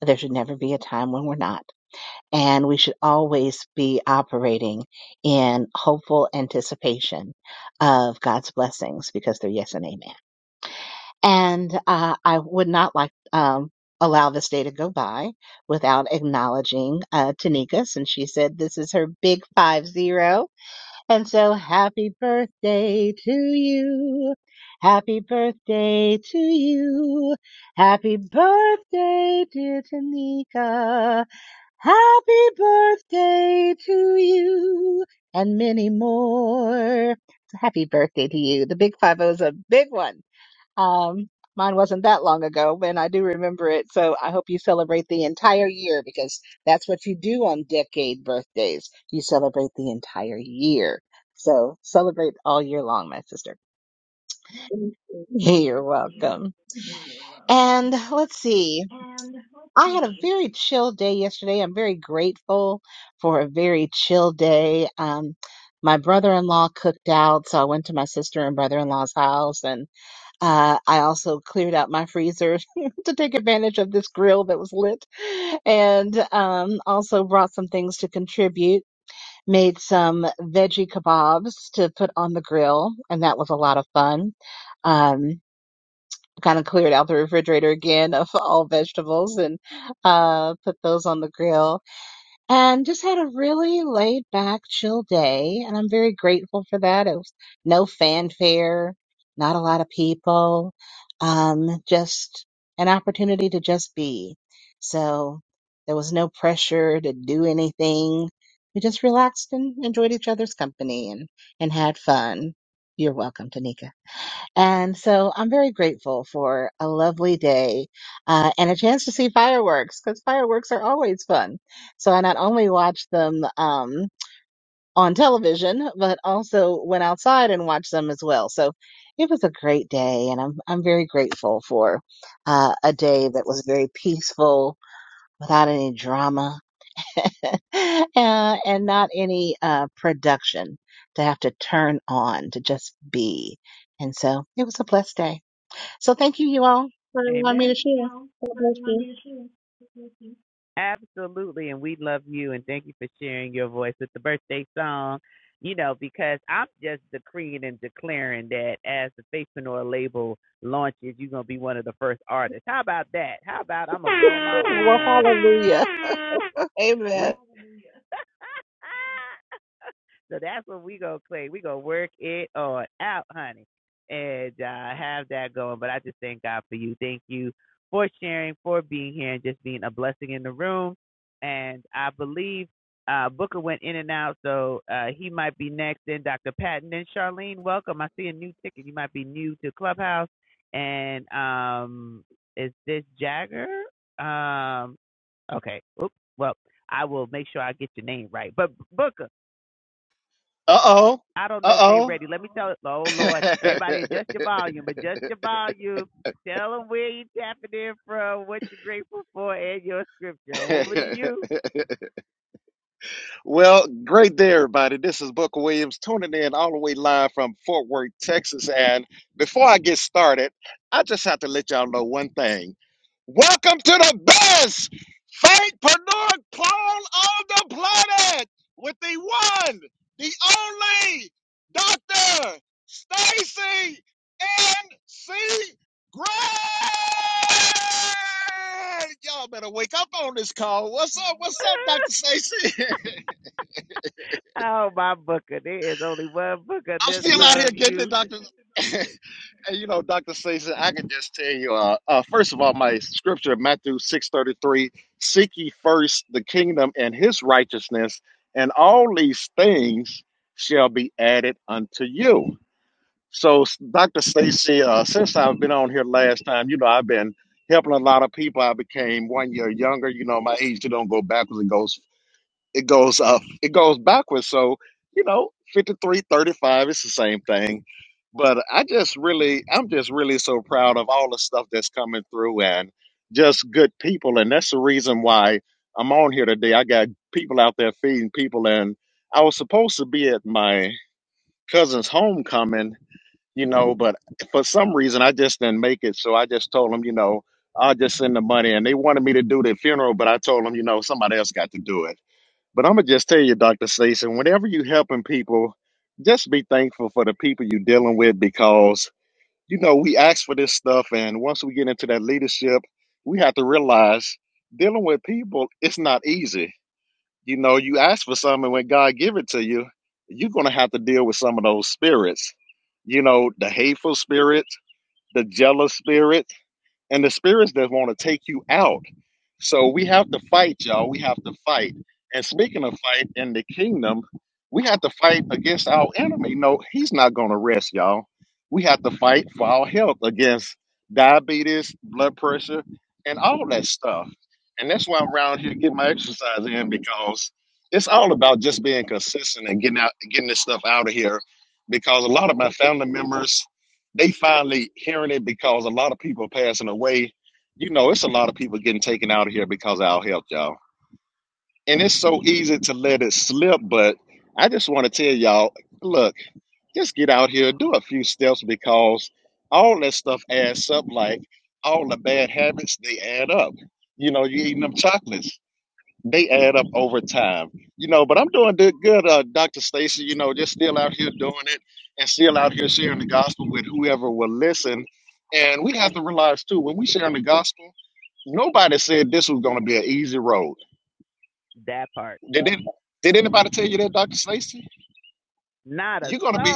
There should never be a time when we're not and we should always be operating in hopeful anticipation of God's blessings because they're yes and amen. And uh, I would not like um, allow this day to go by without acknowledging uh, Tanika, since she said this is her big five zero. And so, happy birthday to you. Happy birthday to you. Happy birthday, dear Tanika. Happy birthday to you and many more. Happy birthday to you. The Big Five O is a big one. Um, mine wasn't that long ago, and I do remember it. So I hope you celebrate the entire year because that's what you do on decade birthdays. You celebrate the entire year. So celebrate all year long, my sister. Thank you. You're welcome. And let's see. I had a very chill day yesterday. I'm very grateful for a very chill day. Um, my brother-in-law cooked out, so I went to my sister and brother-in-law's house, and uh, I also cleared out my freezer *laughs* to take advantage of this grill that was lit, and um, also brought some things to contribute. Made some veggie kebabs to put on the grill, and that was a lot of fun. Um, kind of cleared out the refrigerator again of all vegetables and uh, put those on the grill and just had a really laid back, chill day. And I'm very grateful for that. It was no fanfare, not a lot of people, um, just an opportunity to just be. So there was no pressure to do anything. We just relaxed and enjoyed each other's company and, and had fun. You're welcome, Tanika. And so I'm very grateful for a lovely day uh, and a chance to see fireworks because fireworks are always fun. So I not only watch them um, on television, but also went outside and watched them as well. So it was a great day, and I'm I'm very grateful for uh, a day that was very peaceful without any drama *laughs* uh, and not any uh, production to have to turn on to just be. And so it was a blessed day. So thank you, you all, for allowing me to share. God bless you. Well, hallelujah. *laughs* Amen.
Uh oh. Uh oh. *laughs* Well, great day, everybody. This is Booker Williams tuning in all the way live from Fort Worth, Texas. And before I get started, I just have to let y'all know one thing. Welcome to the best faithpreneur clone on the planet with the one, the only Dr. Stacy N.C. Gray. Y'all better wake up on this call. What's up? What's up, Dr. Stacy? *laughs* I'm still out here getting it, Doctor. *laughs* and you know, Doctor Stacy, I can just tell you. Uh, uh, first of all, my scripture, Matthew six thirty three: Seek ye first the kingdom and His righteousness, and all these things shall be added unto you. So, s- Doctor Stacy, uh, since I've been on here last time, you know, I've been helping a lot of people. I became one year younger. You know, my age don't go backwards; it goes it goes up, it goes backwards. So, you know, fifty three thirty five 35, it's the same thing. But I just really, I'm just really so proud of all the stuff that's coming through and just good people. And that's the reason why I'm on here today. I got people out there feeding people. And I was supposed to be at my cousin's homecoming, you know, but for some reason I just didn't make it. So I just told them, you know, I'll just send the money. And they wanted me to do the funeral, but I told them, you know, somebody else got to do it. But I'm gonna just tell you, Dr. Stacey. whenever you helping people, just be thankful for the people you're dealing with because you know we ask for this stuff, and once we get into that leadership, we have to realize dealing with people it's not easy. You know, you ask for something, and when God give it to you, you're gonna have to deal with some of those spirits. You know, the hateful spirits, the jealous spirits and the spirits that want to take you out. So we have to fight, y'all. We have to fight. And speaking of fight in the kingdom, we have to fight against our enemy. No, he's not going to rest, y'all. We have to fight for our health against diabetes, blood pressure, and all that stuff. And that's why I'm around here getting my exercise in because it's all about just being consistent and getting out, getting this stuff out of here. Because a lot of my family members they finally hearing it because a lot of people are passing away. You know, it's a lot of people getting taken out of here because of our health, y'all. And it's so easy to let it slip, but I just want to tell y'all, look, just get out here, do a few steps because all that stuff adds up. Like all the bad habits, they add up. You know, you eating them chocolates they add up over time, you know. But I'm doing good, good uh, Dr. Stacy. You know, just still out here doing it and still out here sharing the gospel with whoever will listen. And we have to realize too, when we sharing the gospel, nobody said this was going to be an easy road. Did they, did anybody tell you that, Dr. Stacy? You're gonna be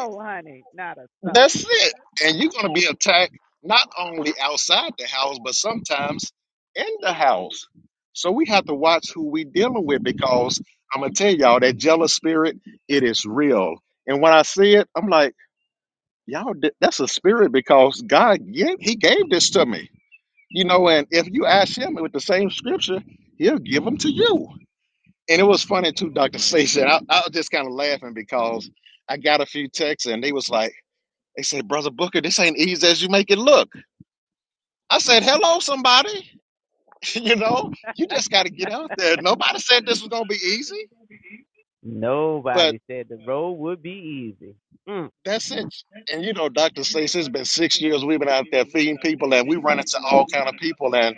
That's it. And you're going to be attacked not only outside the house, but sometimes in the house. So we have to watch who we dealing with because I'm gonna tell y'all that jealous spirit, it is real. And when I see it, I'm like, y'all, th- that's a spirit because God, yeah, He gave this to me. You know, and if you ask Him with the same scripture, He'll give them to you. And it was funny too, Doctor Station. I, I was just kind of laughing because I got a few texts and they was like they said, Brother Booker, this ain't easy as you make it look. I said, Hello, somebody. *laughs* you know, you just got to get out there. Nobody said this was going to be easy, but that's it. And you know, Dr. Stacey, it's been six years we've been out there feeding people, and we run into all kind of people. And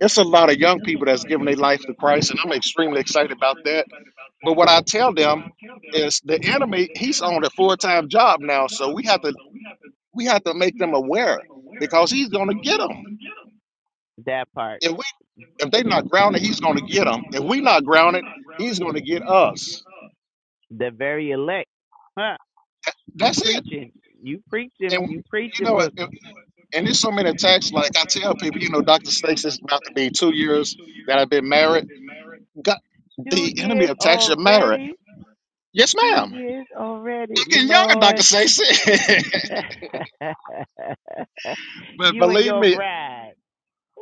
it's a lot of young people that's giving their life to Christ, and I'm extremely excited about that. But what I tell them is the enemy, he's on a full time job now, so we have to we have to make them aware because he's going to get them. If If they're not grounded, he's going to get them. If we not grounded, he's going to get us. Th- That's it. And you know, and and there's so many attacks. Like I tell people, you know, Doctor Stakes is about to be two years that I've been married. God, the enemy attacks your marriage. Yes, ma'am. You're getting younger, Doctor Stakes. *laughs* but believe me,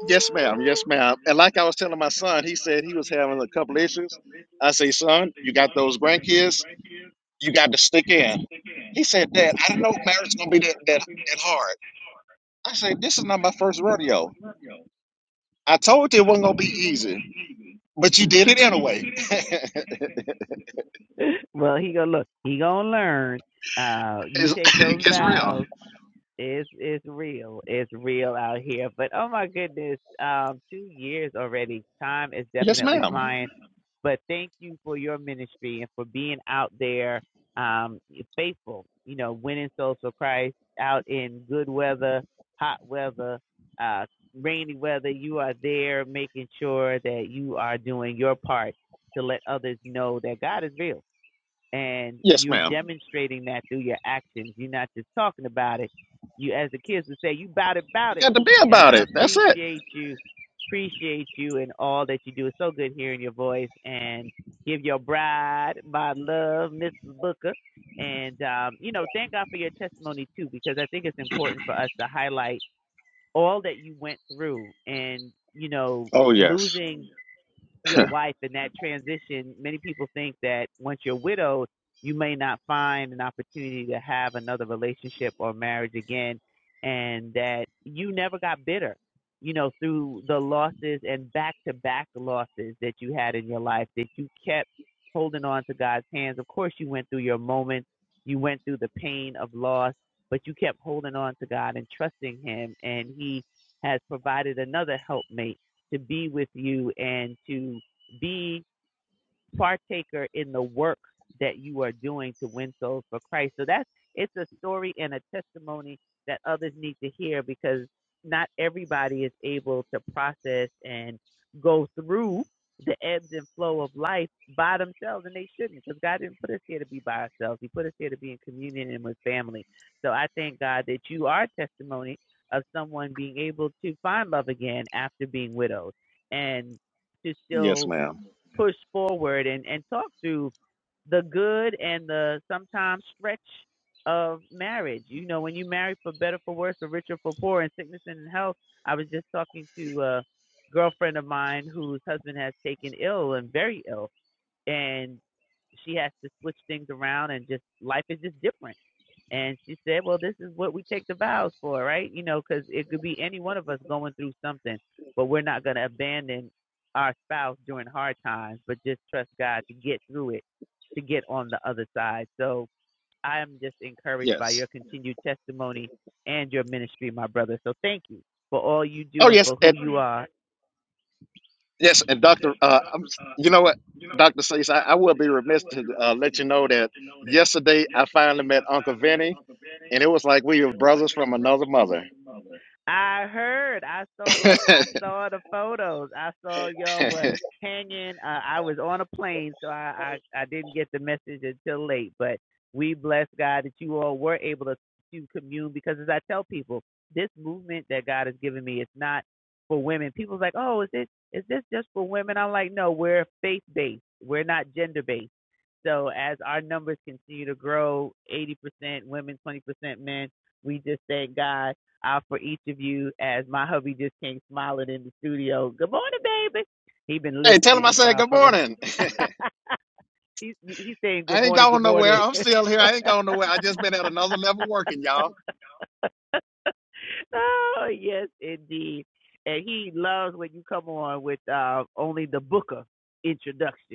yes, ma'am. Yes, ma'am. And like I was telling my son, he said he was having a couple issues. I say, son, you got those grandkids. You got to stick in. He said, Dad, I didn't know marriage was gonna be that that that hard. I said, This is not my first rodeo. I told you it wasn't gonna be easy, but you did it anyway. *laughs* it's, *laughs* it's real. Yes, ma'am. Yes, ma'am. You got to be about it. That's it. Oh yes. *laughs* Yes, ma'am. Yes. Oh yes. And yes, and Doctor, uh, I'm, you know what, Doctor says I, I will be remiss to uh, let you know that yesterday I finally met Uncle Vinny, and it was like we were brothers from another mother. *laughs* hey, tell him I said good morning. I ain't going nowhere. I'm still here. I ain't going nowhere. I just been at another level working, y'all.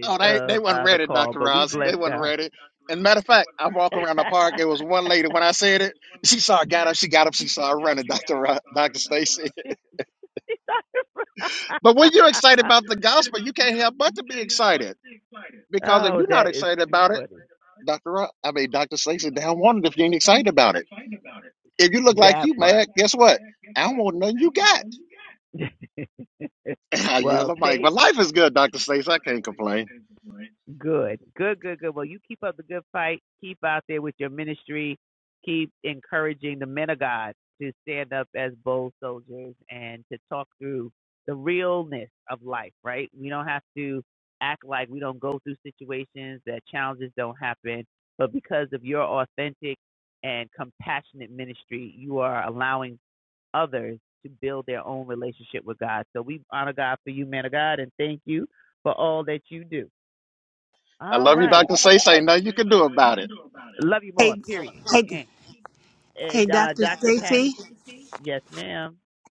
Oh, they they wasn't ready, Dr. Ross. They wasn't ready. And matter of fact, I walk around the park. There was one lady when I said it. She saw I got up. She got up. She saw I running, *laughs* Dr. Ross, Dr. Stacy. *laughs* But when you're excited about the gospel, you can't help but to be excited. Because if you're not excited about it, Dr. Ross, I mean Dr. Stacy, they don't want it if you ain't excited about it. If you look like you mad, guess what? I don't want nothing you got. *laughs* I yell at Mike. But life is good, Dr. Stacey. I can't complain. I love you, Dr. Stacey. Ain't nothing you can do about it.
Hey, hey, hey, Dr. Stacy.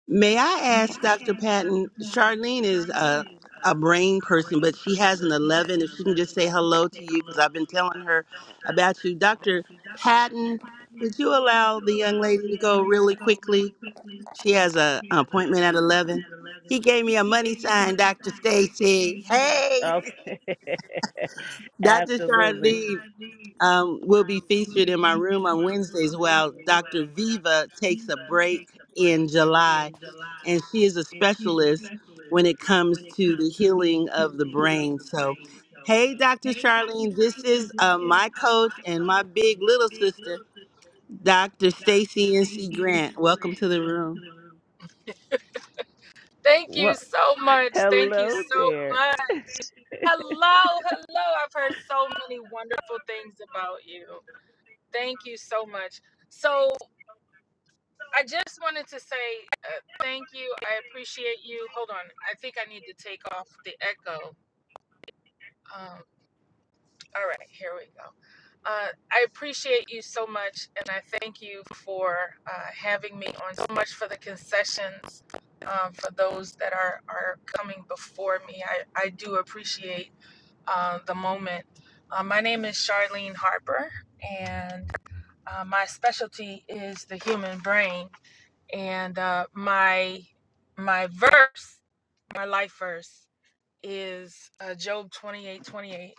May I ask Dr. Patton? Charlene is a a brain person, but she has an eleven. If she can just say hello to you, because I've been telling her about you, Dr. Patton. Would you allow the young lady to go really quickly? She has a, an appointment at eleven. He gave me a money sign, Dr. Stacy. Hey. Dr. Charlene um, will be featured in my room on Wednesdays while Dr. Viva takes a break in July. And she is a specialist when it comes to the healing of the brain. So, hey, Dr. Charlene, this is uh, my coach and my big little sister, Dr. Stacy N.C. Grant. Welcome to the room.
Thank you so much. Thank you so much. Hello, hello. I've heard so many wonderful things about you. Thank you so much. So, I just wanted to say uh, thank you. I appreciate you. Hold on. I think I need to take off the echo. Um, all right, here we go. Uh, I appreciate you so much, and I thank you for uh, having me on so much for the concessions um, for those that are, are coming before me. I, I do appreciate uh, the moment. Uh, my name is Charlene Harper, and uh, my specialty is the human brain. And uh, my my verse, my life verse, is uh, Job twenty eight twenty eight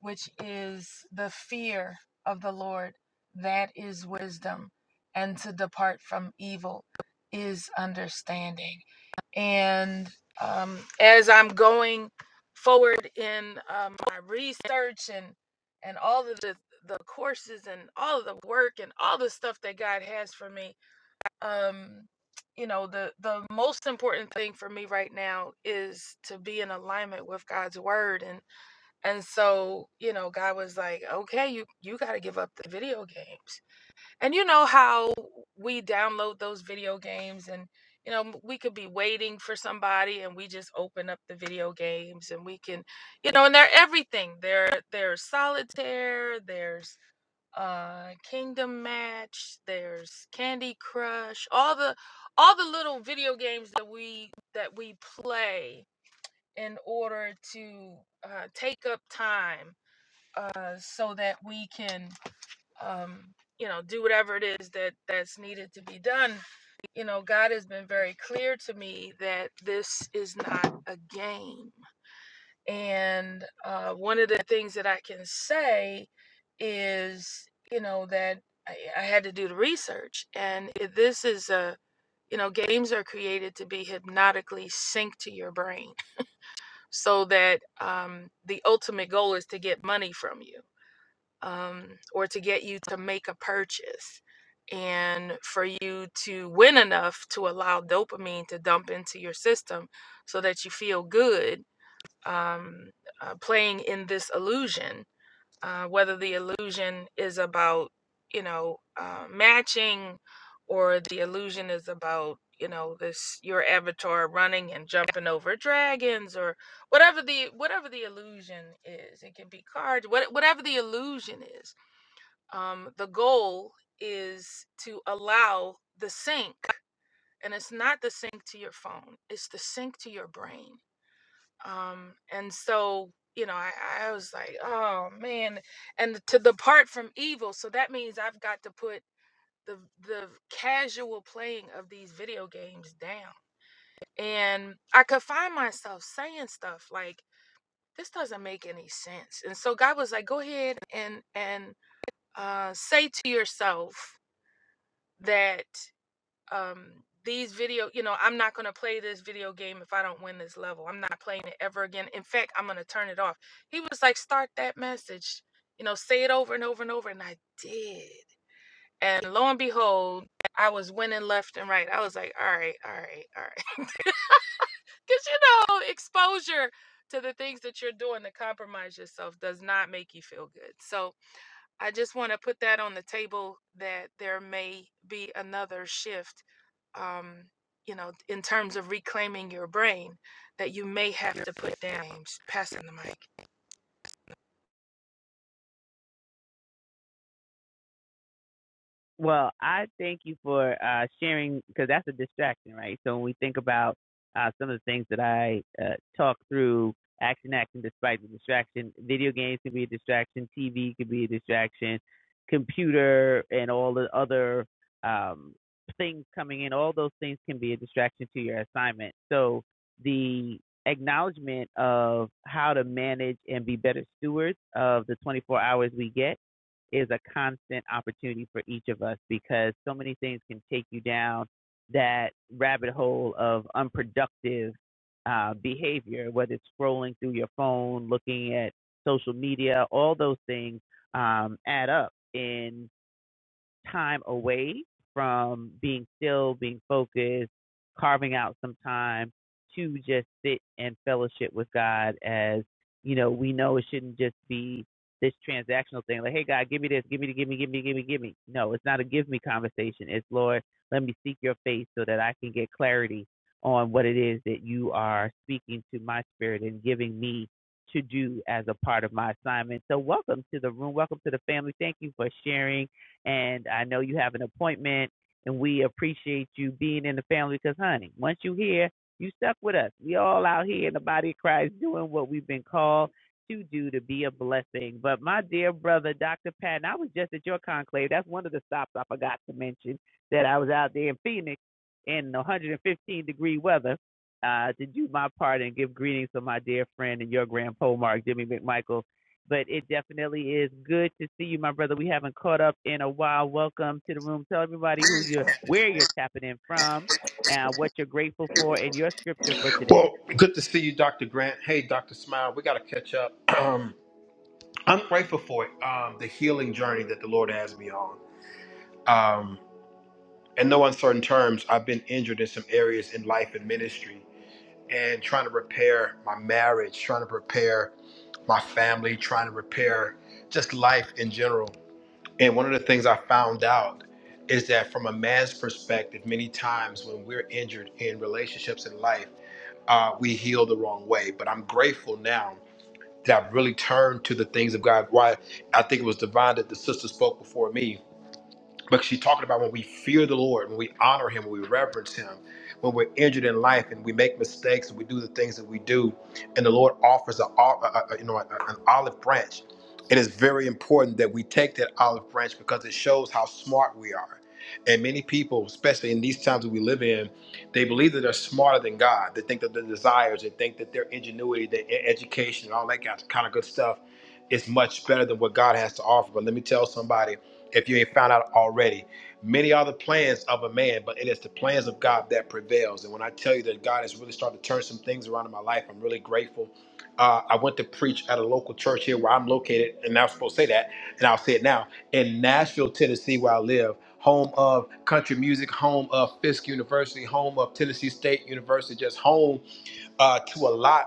which is the fear of the Lord, that is wisdom, and to depart from evil is understanding. And um, as I'm going forward in um, my research and and all of the the courses and all of the work and all the stuff that God has for me, um, you know, the the most important thing for me right now is to be in alignment with God's word and. And so, you know, God was like, "Okay, you you got to give up the video games." And you know how we download those video games and you know, m- we could be waiting for somebody and we just open up the video games and we can, you know, and they're everything. There there's solitaire, there's uh Kingdom Match, there's Candy Crush, all the all the little video games that we that we play in order to uh, take up time uh, so that we can, um, you know, do whatever it is that that's needed to be done. You know, God has been very clear to me that this is not a game. And uh, one of the things that I can say is, you know, that I, I had to do the research. And if this is a, you know, games are created to be hypnotically synced to your brain so that um, the ultimate goal is to get money from you um, or to get you to make a purchase and for you to win enough to allow dopamine to dump into your system so that you feel good um, uh, playing in this illusion, uh, whether the illusion is about, you know, uh, matching or the illusion is about you know this your avatar running and jumping over dragons or whatever the whatever the illusion is it can be cards what, whatever the illusion is um, the goal is to allow the sync and it's not the sync to your phone it's the sync to your brain um, and so you know I, I was like oh man and to depart from evil so that means i've got to put the, the casual playing of these video games down and i could find myself saying stuff like this doesn't make any sense and so god was like go ahead and and uh, say to yourself that um these video you know i'm not going to play this video game if i don't win this level i'm not playing it ever again in fact i'm going to turn it off he was like start that message you know say it over and over and over and i did and lo and behold i was winning left and right i was like all right all right all right because *laughs* you know exposure to the things that you're doing to compromise yourself does not make you feel good so I just want to put that on the table that there may be another shift, um, you know, in terms of reclaiming your brain that you may have Yeah. to put down. passing the mic.
Well, good to see you, Dr. Grant. Hey, Dr. Smile, we got to catch up. *clears throat* Um, I'm grateful for it, um, the healing journey that the Lord has me on. Um, in no uncertain terms, I've been injured in some areas in life and ministry and trying to repair my marriage, trying to repair my family, trying to repair just life in general. And one of the things I found out is that from a man's perspective, many times when we're injured in relationships in life, uh, we heal the wrong way. But I'm grateful now that I've really turned to the things of God. Why I think it was divine that the sister spoke before me but she's talking about when we fear the Lord, when we honor Him, when we reverence Him, when we're injured in life and we make mistakes and we do the things that we do, and the Lord offers a, a, a- you know an olive branch. It is very important that we take that olive branch because it shows how smart we are. And many people, especially in these times that we live in, they believe that they're smarter than God. They think that their desires, they think that their ingenuity, their e- education, and all that kind of good stuff is much better than what God has to offer. But let me tell somebody if you ain't found out already. Many are the plans of a man, but it is the plans of God that prevails. And when I tell you that God has really started to turn some things around in my life, I'm really grateful. Uh, I went to preach at a local church here where I'm located, and I was supposed to say that, and I'll say it now in Nashville, Tennessee, where I live, home of country music, home of Fisk University, home of Tennessee State University, just home uh, to a lot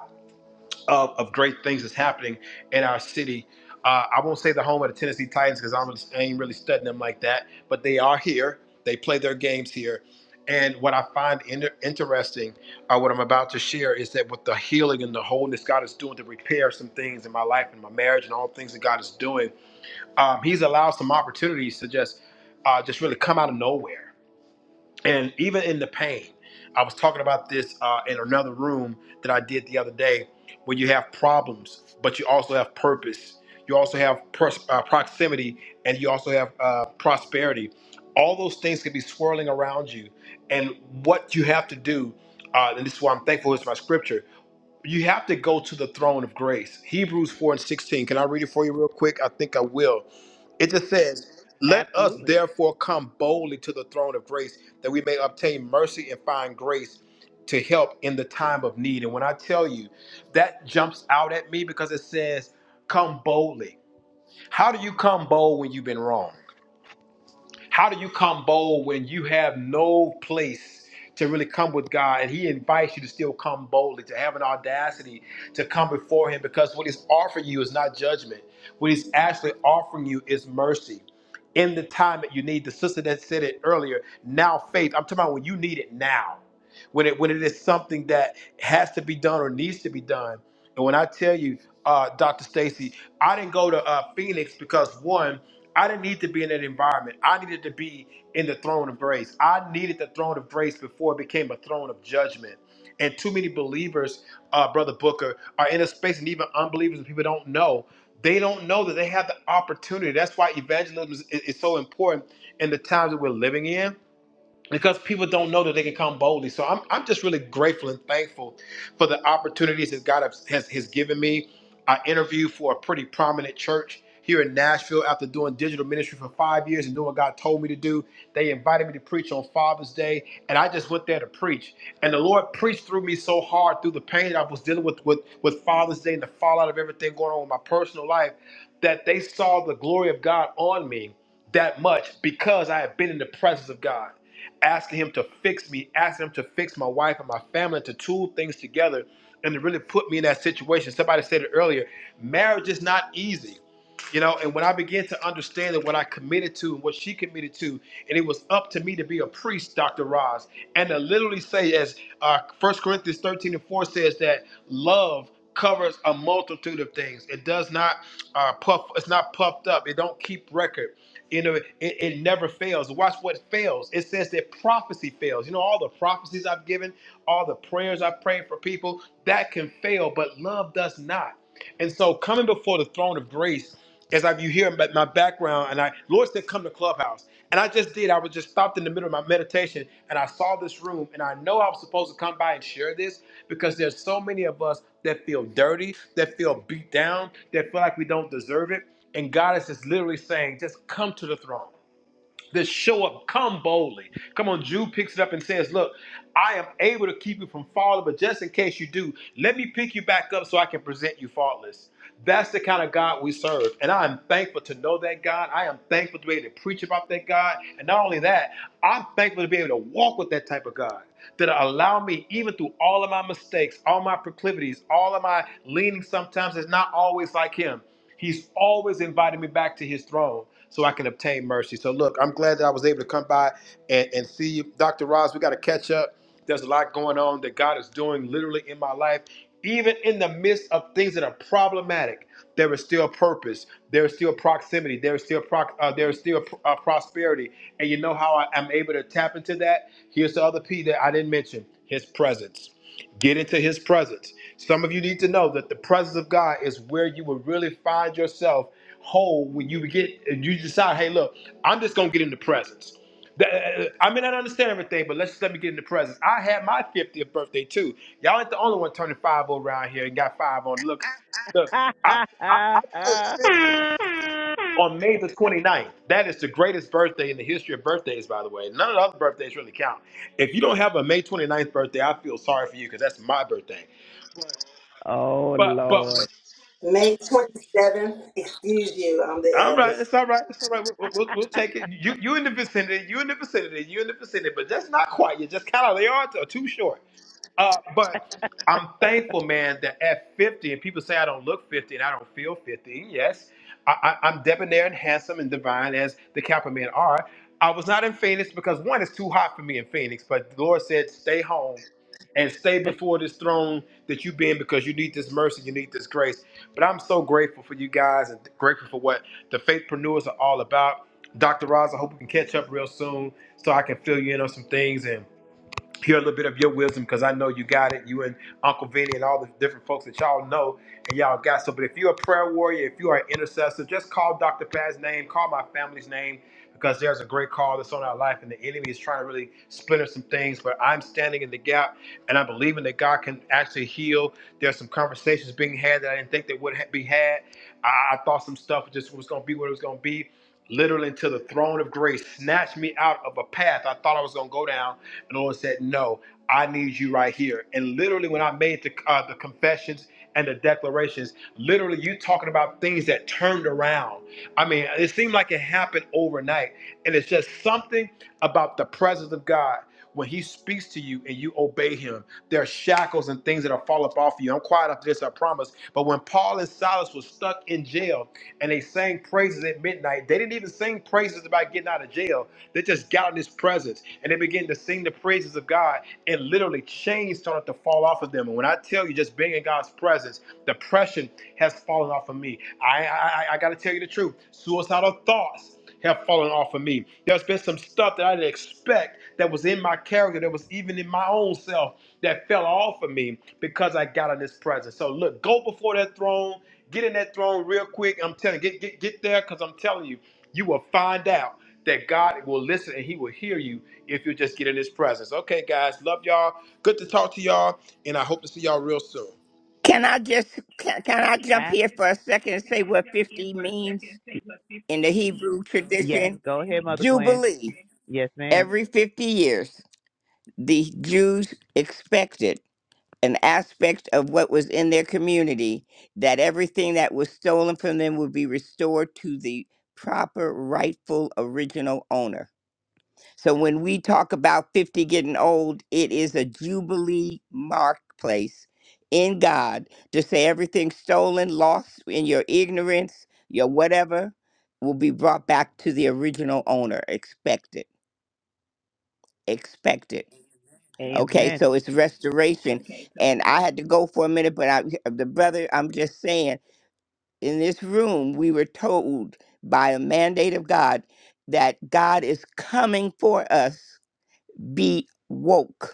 of, of great things that's happening in our city. Uh, I won't say the home of the Tennessee Titans because I'm really, I ain't really studying them like that, but they are here. They play their games here. And what I find inter- interesting, uh, what I'm about to share, is that with the healing and the wholeness God is doing to repair some things in my life and my marriage and all things that God is doing, um, He's allowed some opportunities to just, uh, just really come out of nowhere and even in the pain i was talking about this uh, in another room that i did the other day where you have problems but you also have purpose you also have pros- uh, proximity and you also have uh, prosperity all those things can be swirling around you and what you have to do uh, and this is why i'm thankful is my scripture you have to go to the throne of grace hebrews 4 and 16 can i read it for you real quick i think i will it just says, Let us therefore come boldly to the throne of grace that we may obtain mercy and find grace to help in the time of need. And when I tell you, that jumps out at me because it says, Come boldly. How do you come bold when you've been wrong? How do you come bold when you have no place to really come with God? And He invites you to still come boldly, to have an audacity to come before Him because what He's offering you is not judgment. What He's actually offering you is mercy. In the time that you need, the sister that said it earlier, now faith. I'm talking about when you need it now. When it when it is something that has to be done or needs to be done. And when I tell you, uh, Dr. Stacy, I didn't go to uh, Phoenix because one. I didn't need to be in that environment. I needed to be in the throne of grace. I needed the throne of grace before it became a throne of judgment. And too many believers, uh, Brother Booker, are in a space, and even unbelievers and people don't know. They don't know that they have the opportunity. That's why evangelism is, is is so important in the times that we're living in because people don't know that they can come boldly. So I'm, I'm just really grateful and thankful for the opportunities that God has, has, has given me. I interviewed for a pretty prominent church here in Nashville after doing digital ministry for five years and doing what God told me to do. They invited me to preach on Father's Day, and I just went there to preach. And the Lord preached through me so hard through the pain that I was dealing with with, with Father's Day and the fallout of everything going on in my personal life that they saw the glory of God on me that much because I have been in the presence of God, asking Him to fix me, asking Him to fix my wife and my family, to tool things together, and to really put me in that situation. Somebody said it earlier marriage is not easy. You know, and when I began to understand that what I committed to and what she committed to, and it was up to me to be a priest, Dr. Roz, and to literally say, as uh, 1 Corinthians 13 and 4 says, that love covers a multitude of things. It does not uh, puff, it's not puffed up, it don't keep record. You know, it, it never fails. Watch what fails. It says that prophecy fails. You know, all the prophecies I've given, all the prayers I've prayed for people, that can fail, but love does not. And so coming before the throne of grace, as I you hear my my background, and I Lord said, come to Clubhouse. And I just did, I was just stopped in the middle of my meditation and I saw this room. And I know I was supposed to come by and share this because there's so many of us that feel dirty, that feel beat down, that feel like we don't deserve it. And God is just literally saying, just come to the throne. This show up, come boldly. Come on, Jude picks it up and says, Look, I am able to keep you from falling, but just in case you do, let me pick you back up so I can present you faultless. That's the kind of God we serve. And I am thankful to know that God. I am thankful to be able to preach about that God. And not only that, I'm thankful to be able to walk with that type of God that allow me, even through all of my mistakes, all my proclivities, all of my leanings sometimes it's not always like Him. He's always inviting me back to his throne so I can obtain mercy. So look, I'm glad that I was able to come by and, and see you. Dr. Ross, we got to catch up. There's a lot going on that God is doing literally in my life. Even in the midst of things that are problematic, there is still purpose. There is still proximity. There is still proc uh, there is still uh, prosperity. And you know how I'm able to tap into that? Here's the other P that I didn't mention: His presence. Get into His presence. Some of you need to know that the presence of God is where you will really find yourself whole when you get you decide, hey, look, I'm just gonna get in the presence. Th- uh, I may not understand everything, but let's just let me get in the presence. I had my 50th birthday too. Y'all ain't the only one turning 50 around here and got five on. Look, look, I, I, I turned 50 on May the 29th. That is the greatest birthday in the history of birthdays, by the way. None of the other birthdays really count. If you don't have a May 29th birthday, I feel sorry for you because that's my birthday. But but
May 27th, excuse you, I'm the
All right,
eldest.
it's all right, it's all right. We'll, we'll, will take it. You you in the vicinity, you in the vicinity, you in the vicinity, but just not quite. You just kind of they are t- too short. Uh, but I'm thankful, man, that at 50, and people say I don't look 50 and I don't feel 50. Yes, I, I, I'm debonair and handsome and divine as the Kappa men are. I was not in Phoenix because one, it's too hot for me in Phoenix, but the Lord said, stay home and stay before this throne that you've been because you need this mercy, you need this grace. But I'm so grateful for you guys and grateful for what the faithpreneurs are all about. Dr. Roz, I hope we can catch up real soon so I can fill you in on some things. and hear a little bit of your wisdom because I know you got it. You and Uncle Vinny and all the different folks that y'all know and y'all got so. But if you're a prayer warrior, if you are an intercessor, just call Dr. Pat's name, call my family's name because there's a great call that's on our life and the enemy is trying to really splinter some things. But I'm standing in the gap and I'm believing that God can actually heal. There's some conversations being had that I didn't think that would ha- be had. I, I thought some stuff just was going to be what it was going to be literally into the throne of grace, snatched me out of a path I thought I was going to go down. And the Lord said, No, I need you right here. And literally, when I made the, uh, the confessions and the declarations, literally, you talking about things that turned around. I mean, it seemed like it happened overnight. And it's just something about the presence of God. When he speaks to you and you obey him, there are shackles and things that'll fall up off you. I'm quiet after this, I promise. But when Paul and Silas were stuck in jail and they sang praises at midnight, they didn't even sing praises about getting out of jail. They just got in his presence and they began to sing the praises of God and literally chains started to fall off of them. And when I tell you, just being in God's presence, depression has fallen off of me. I I, I got to tell you the truth. Suicidal thoughts loads have fallen off of me. There's been some stuff that I didn't expect that was in my character, that was even in my own self, that fell off of me because I got in this presence. So look, go before that throne, get in that throne real quick. I'm telling you, get get get there because I'm telling you, you will find out that God will listen and He will hear you if you just get in His presence. Okay, guys, love y'all. Good to talk to y'all, and I hope to see y'all real soon.
Can I just can, can I jump here for a second and say what fifty means in the Hebrew tradition? Jubilee Every 50 years, the Jews expected an aspect of what was in their community that everything that was stolen from them would be restored to the proper, rightful, original owner. So when we talk about 50 getting old, it is a Jubilee marketplace in God to say everything stolen, lost in your ignorance, your whatever, will be brought back to the original owner. Expect it. Expect it. Okay, so it's restoration. And I had to go for a minute, but I, the brother, I'm just saying, in this room, we were told by a mandate of God that God is coming for us. Be woke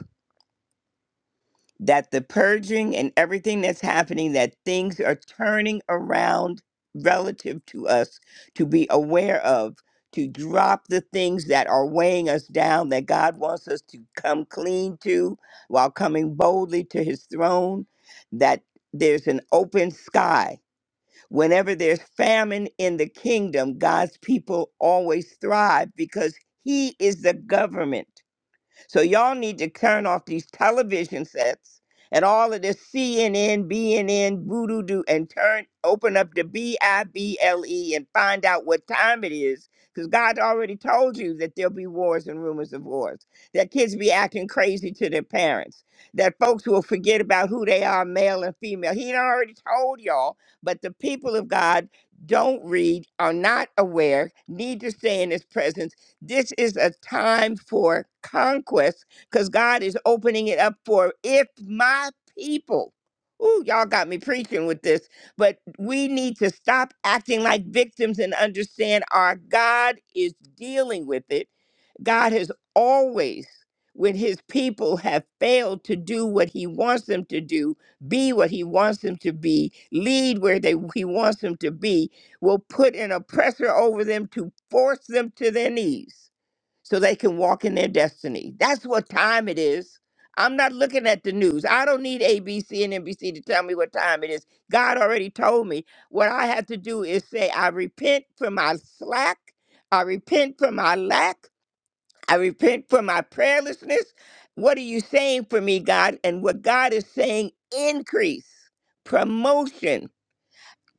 that the purging and everything that's happening, that things are turning around relative to us to be aware of, to drop the things that are weighing us down, that God wants us to come clean to while coming boldly to his throne, that there's an open sky. Whenever there's famine in the kingdom, God's people always thrive because he is the government. So y'all need to turn off these television sets and all of this CNN, BNN, voodoo doo, and turn open up the B I B L E and find out what time it is. Because God already told you that there'll be wars and rumors of wars, that kids be acting crazy to their parents, that folks will forget about who they are, male and female. He done already told y'all, but the people of God don't read, are not aware, need to stay in his presence this is a time for conquest because God is opening it up for if my people. Ooh, y'all got me preaching with this, but we need to stop acting like victims and understand our God is dealing with it. God has always, when his people have failed to do what he wants them to do, be what he wants them to be, lead where they, he wants them to be, will put an oppressor over them to force them to their knees so they can walk in their destiny. That's what time it is. I'm not looking at the news. I don't need ABC and NBC to tell me what time it is. God already told me. What I have to do is say, I repent for my slack. I repent for my lack. I repent for my prayerlessness. What are you saying for me, God? And what God is saying, increase, promotion,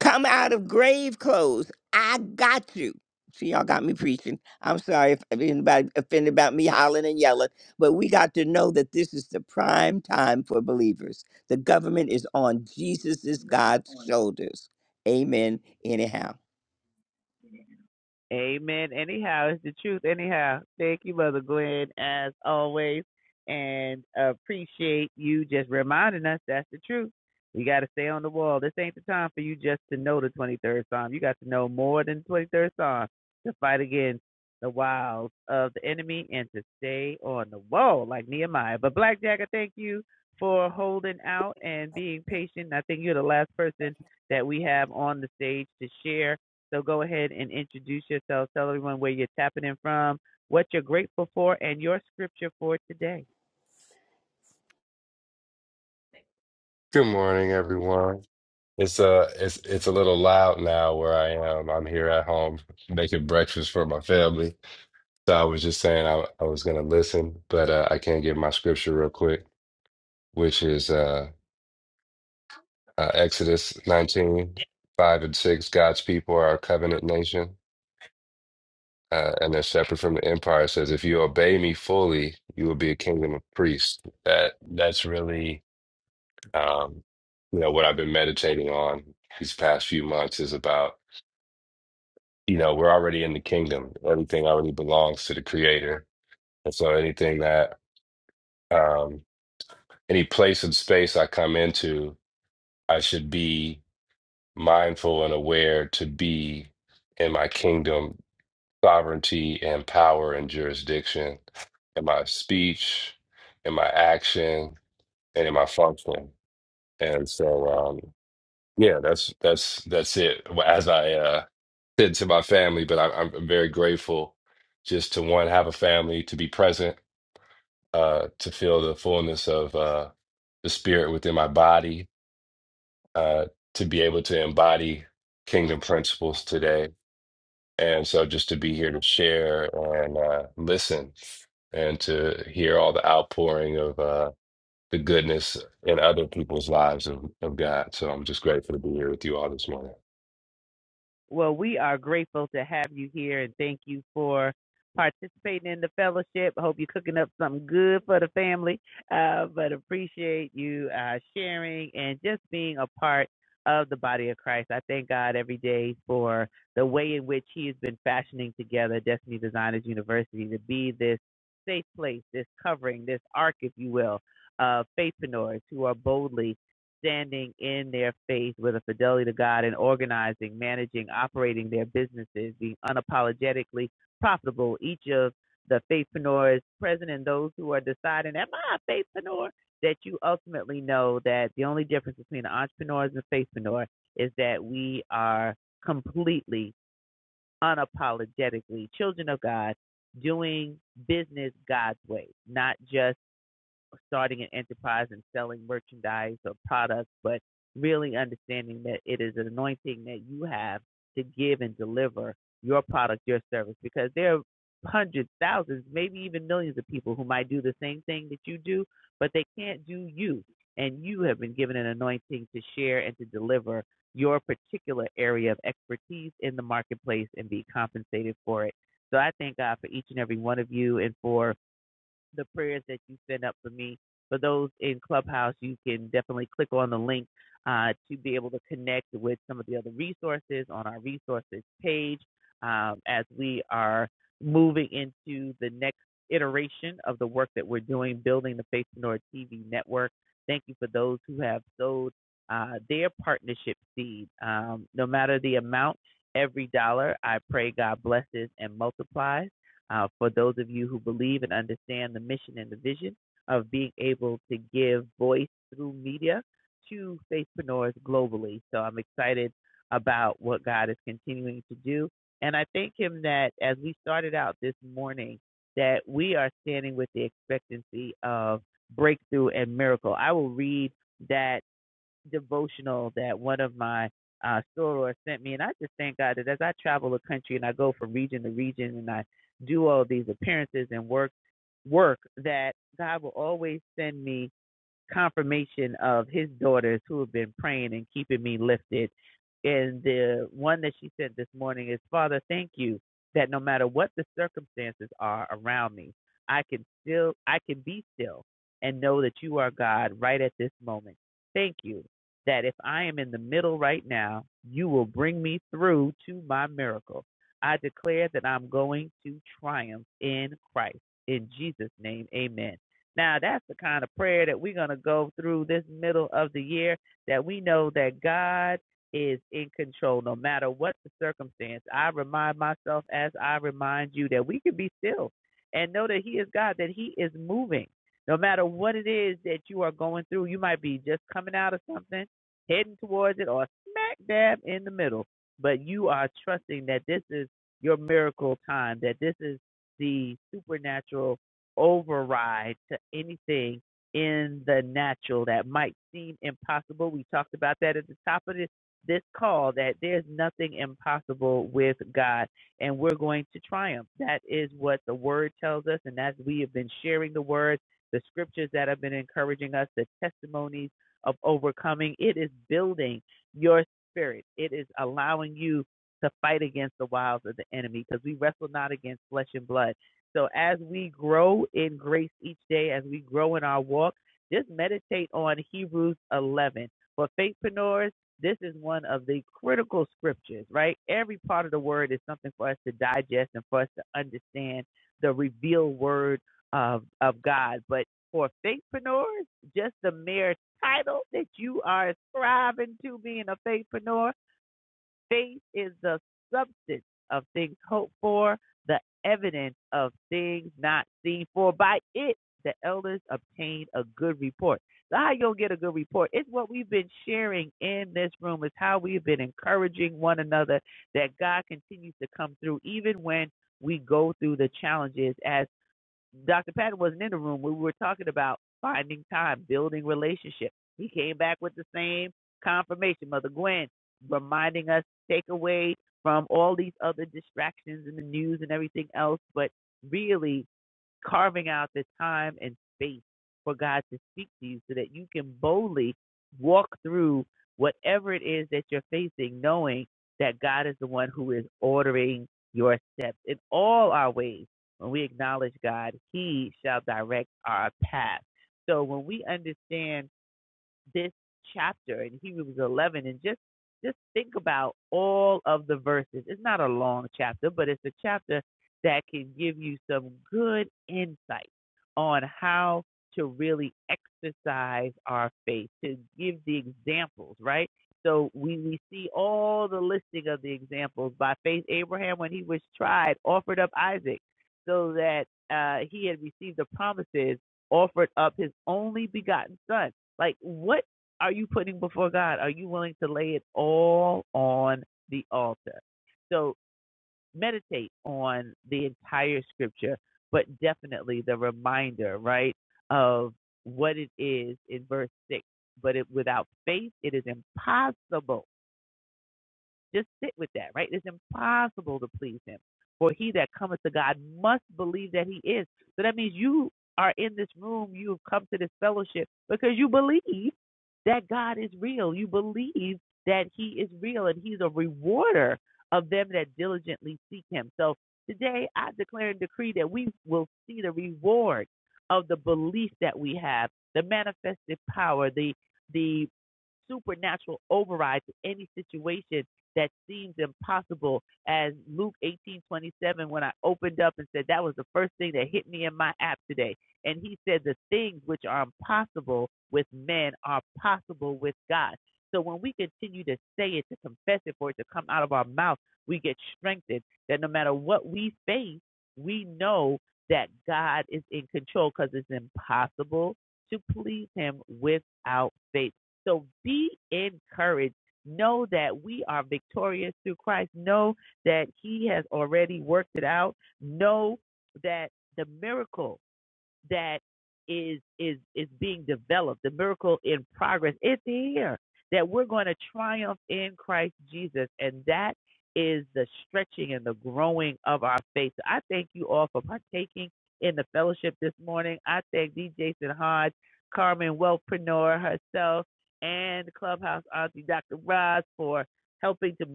Come out of grave clothes. I got you. See, y'all got me preaching. I'm sorry if, if anybody offended about me hollering and yelling, but we got to know that this is the prime time for believers. The government is on Jesus' God's shoulders. Amen. Anyhow.
Good morning, everyone. It's uh it's it's a little loud now where I am. I'm here at home making breakfast for my family. So I was just saying I, I was gonna listen, but uh, I can't get my scripture real quick, which is uh, uh Exodus 19:5 and 6. God's people are a covenant nation, uh, and they're separate from the empire. It says, if you obey me fully, you will be a kingdom of priests. That that's really um you know what I've been meditating on these past few months is about. you know, we're already in the kingdom. Everything already belongs to the creator. And so anything that um any place and space I come into, I should be mindful and aware to be in my kingdom sovereignty and power and jurisdiction in my speech, in my action, and in my function. And so um yeah, that's that's that's it. As I uh said to my family, but I, I'm very grateful just to one have a family, to be present, uh, to feel the fullness of uh, the spirit within my body, uh, to be able to embody kingdom principles today, and so just to be here to share and uh, listen, and to hear all the outpouring of uh, the goodness in other people's lives of, of God. So I'm just grateful to be here with you all this morning.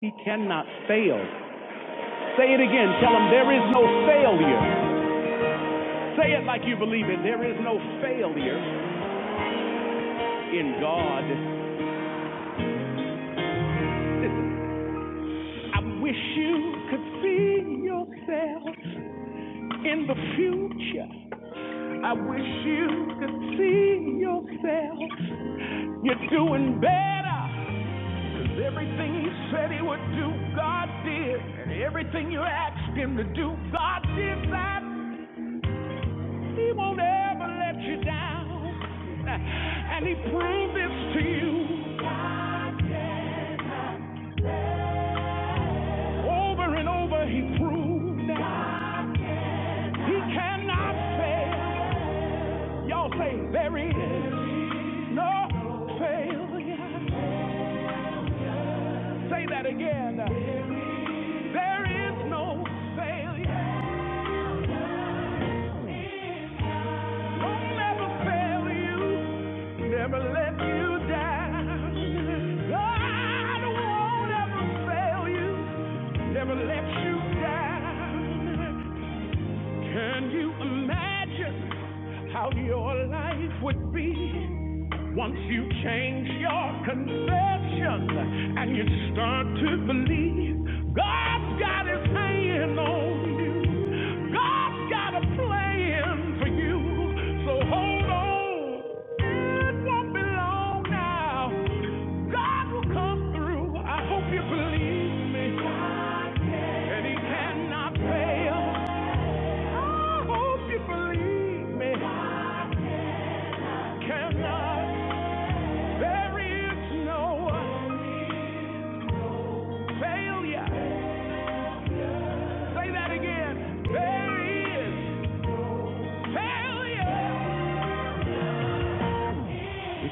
He cannot fail. Say it again. Tell him there is no failure. Say it like you believe it. There is no failure in God. Listen, I wish you could see yourself in the future. I wish you could see yourself. You're doing better. Cause everything he said he would do, God did. And everything you asked him to do, God did that. He won't ever let you down. *laughs* And he proved this to you. God can. Over and over he proved that. He cannot fail. Y'all say there is no failure. Say that again. There is no failure. Don't never fail you. Never let you down. God won't ever fail you. Never let you down. Can you imagine how your life would be once you change your conception and you start to believe God's got his hand on you? God's got a plan for you. So hold on. It won't be long now. God will come through. I hope you believe me. God And he cannot fail. I hope you believe me. Cannot. There is no failure. Say that again. There is failure.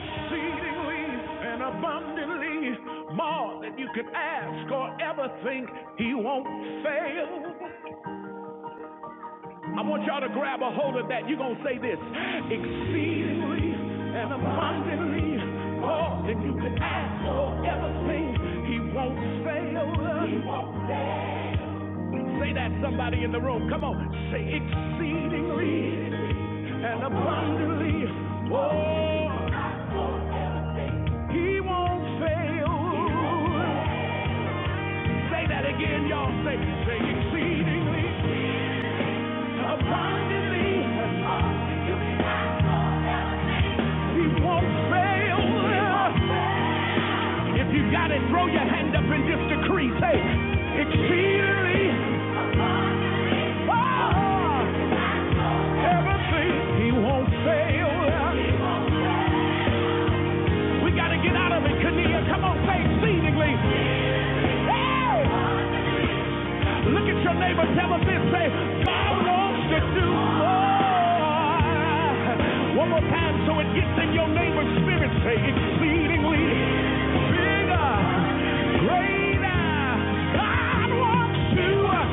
Exceedingly and abundantly more than you could ask or ever think. He won't fail. I want y'all to grab a hold of that. You're going to say this exceedingly and abundantly more than you could ask or ever think. He won't fail. us. He won't. Say that, somebody in the room. Come on. Say exceedingly and abundantly more. He won't fail. Say that again, y'all. Say, say exceedingly abundantly. He won't fail. us. If you got it, throw your hand up and just decree. Say, exceedingly, ah, everything he won't fail. We got to get out of it, Kania. Come on, say exceedingly. Hey, look at your neighbor, tell him this. Say, God wants to do more. One more time so it gets in your neighbor's spirit. Say, exceedingly, bigger, greater. God wants to.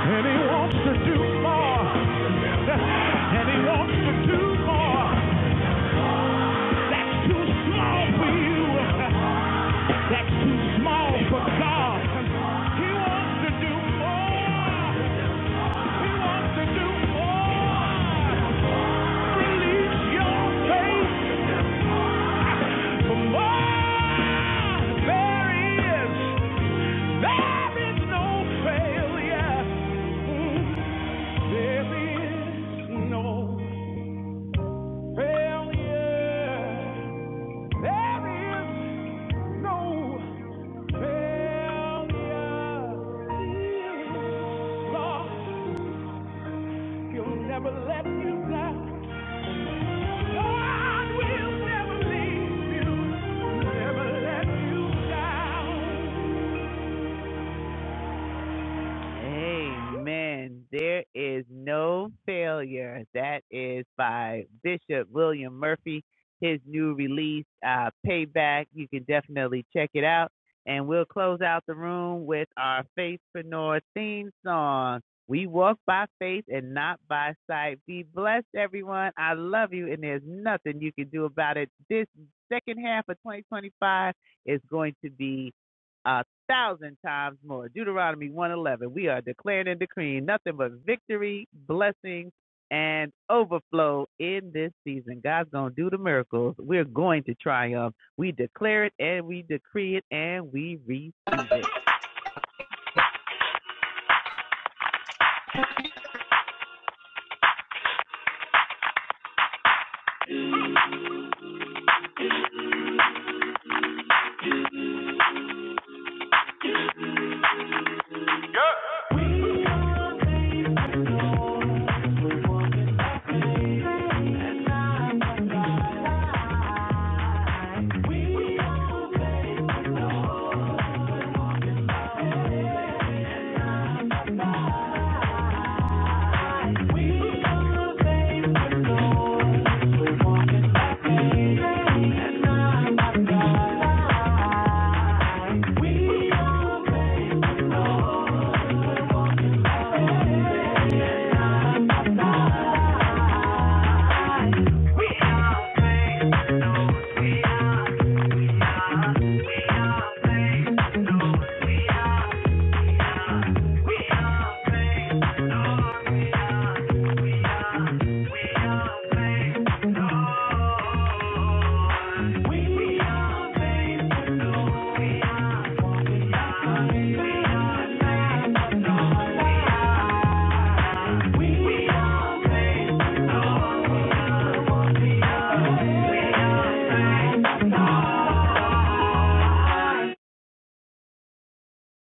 And he wants to do more. And he wants to do more. That's too small for you. That's too small for God. He wants to do more. He wants to do more. Release your faith for more. There is. There is no failure. There is no Failure. There is no failure. Lord, He'll never let you down. God will never leave you, never let you down. And I, I, I, we Thank you. We are no.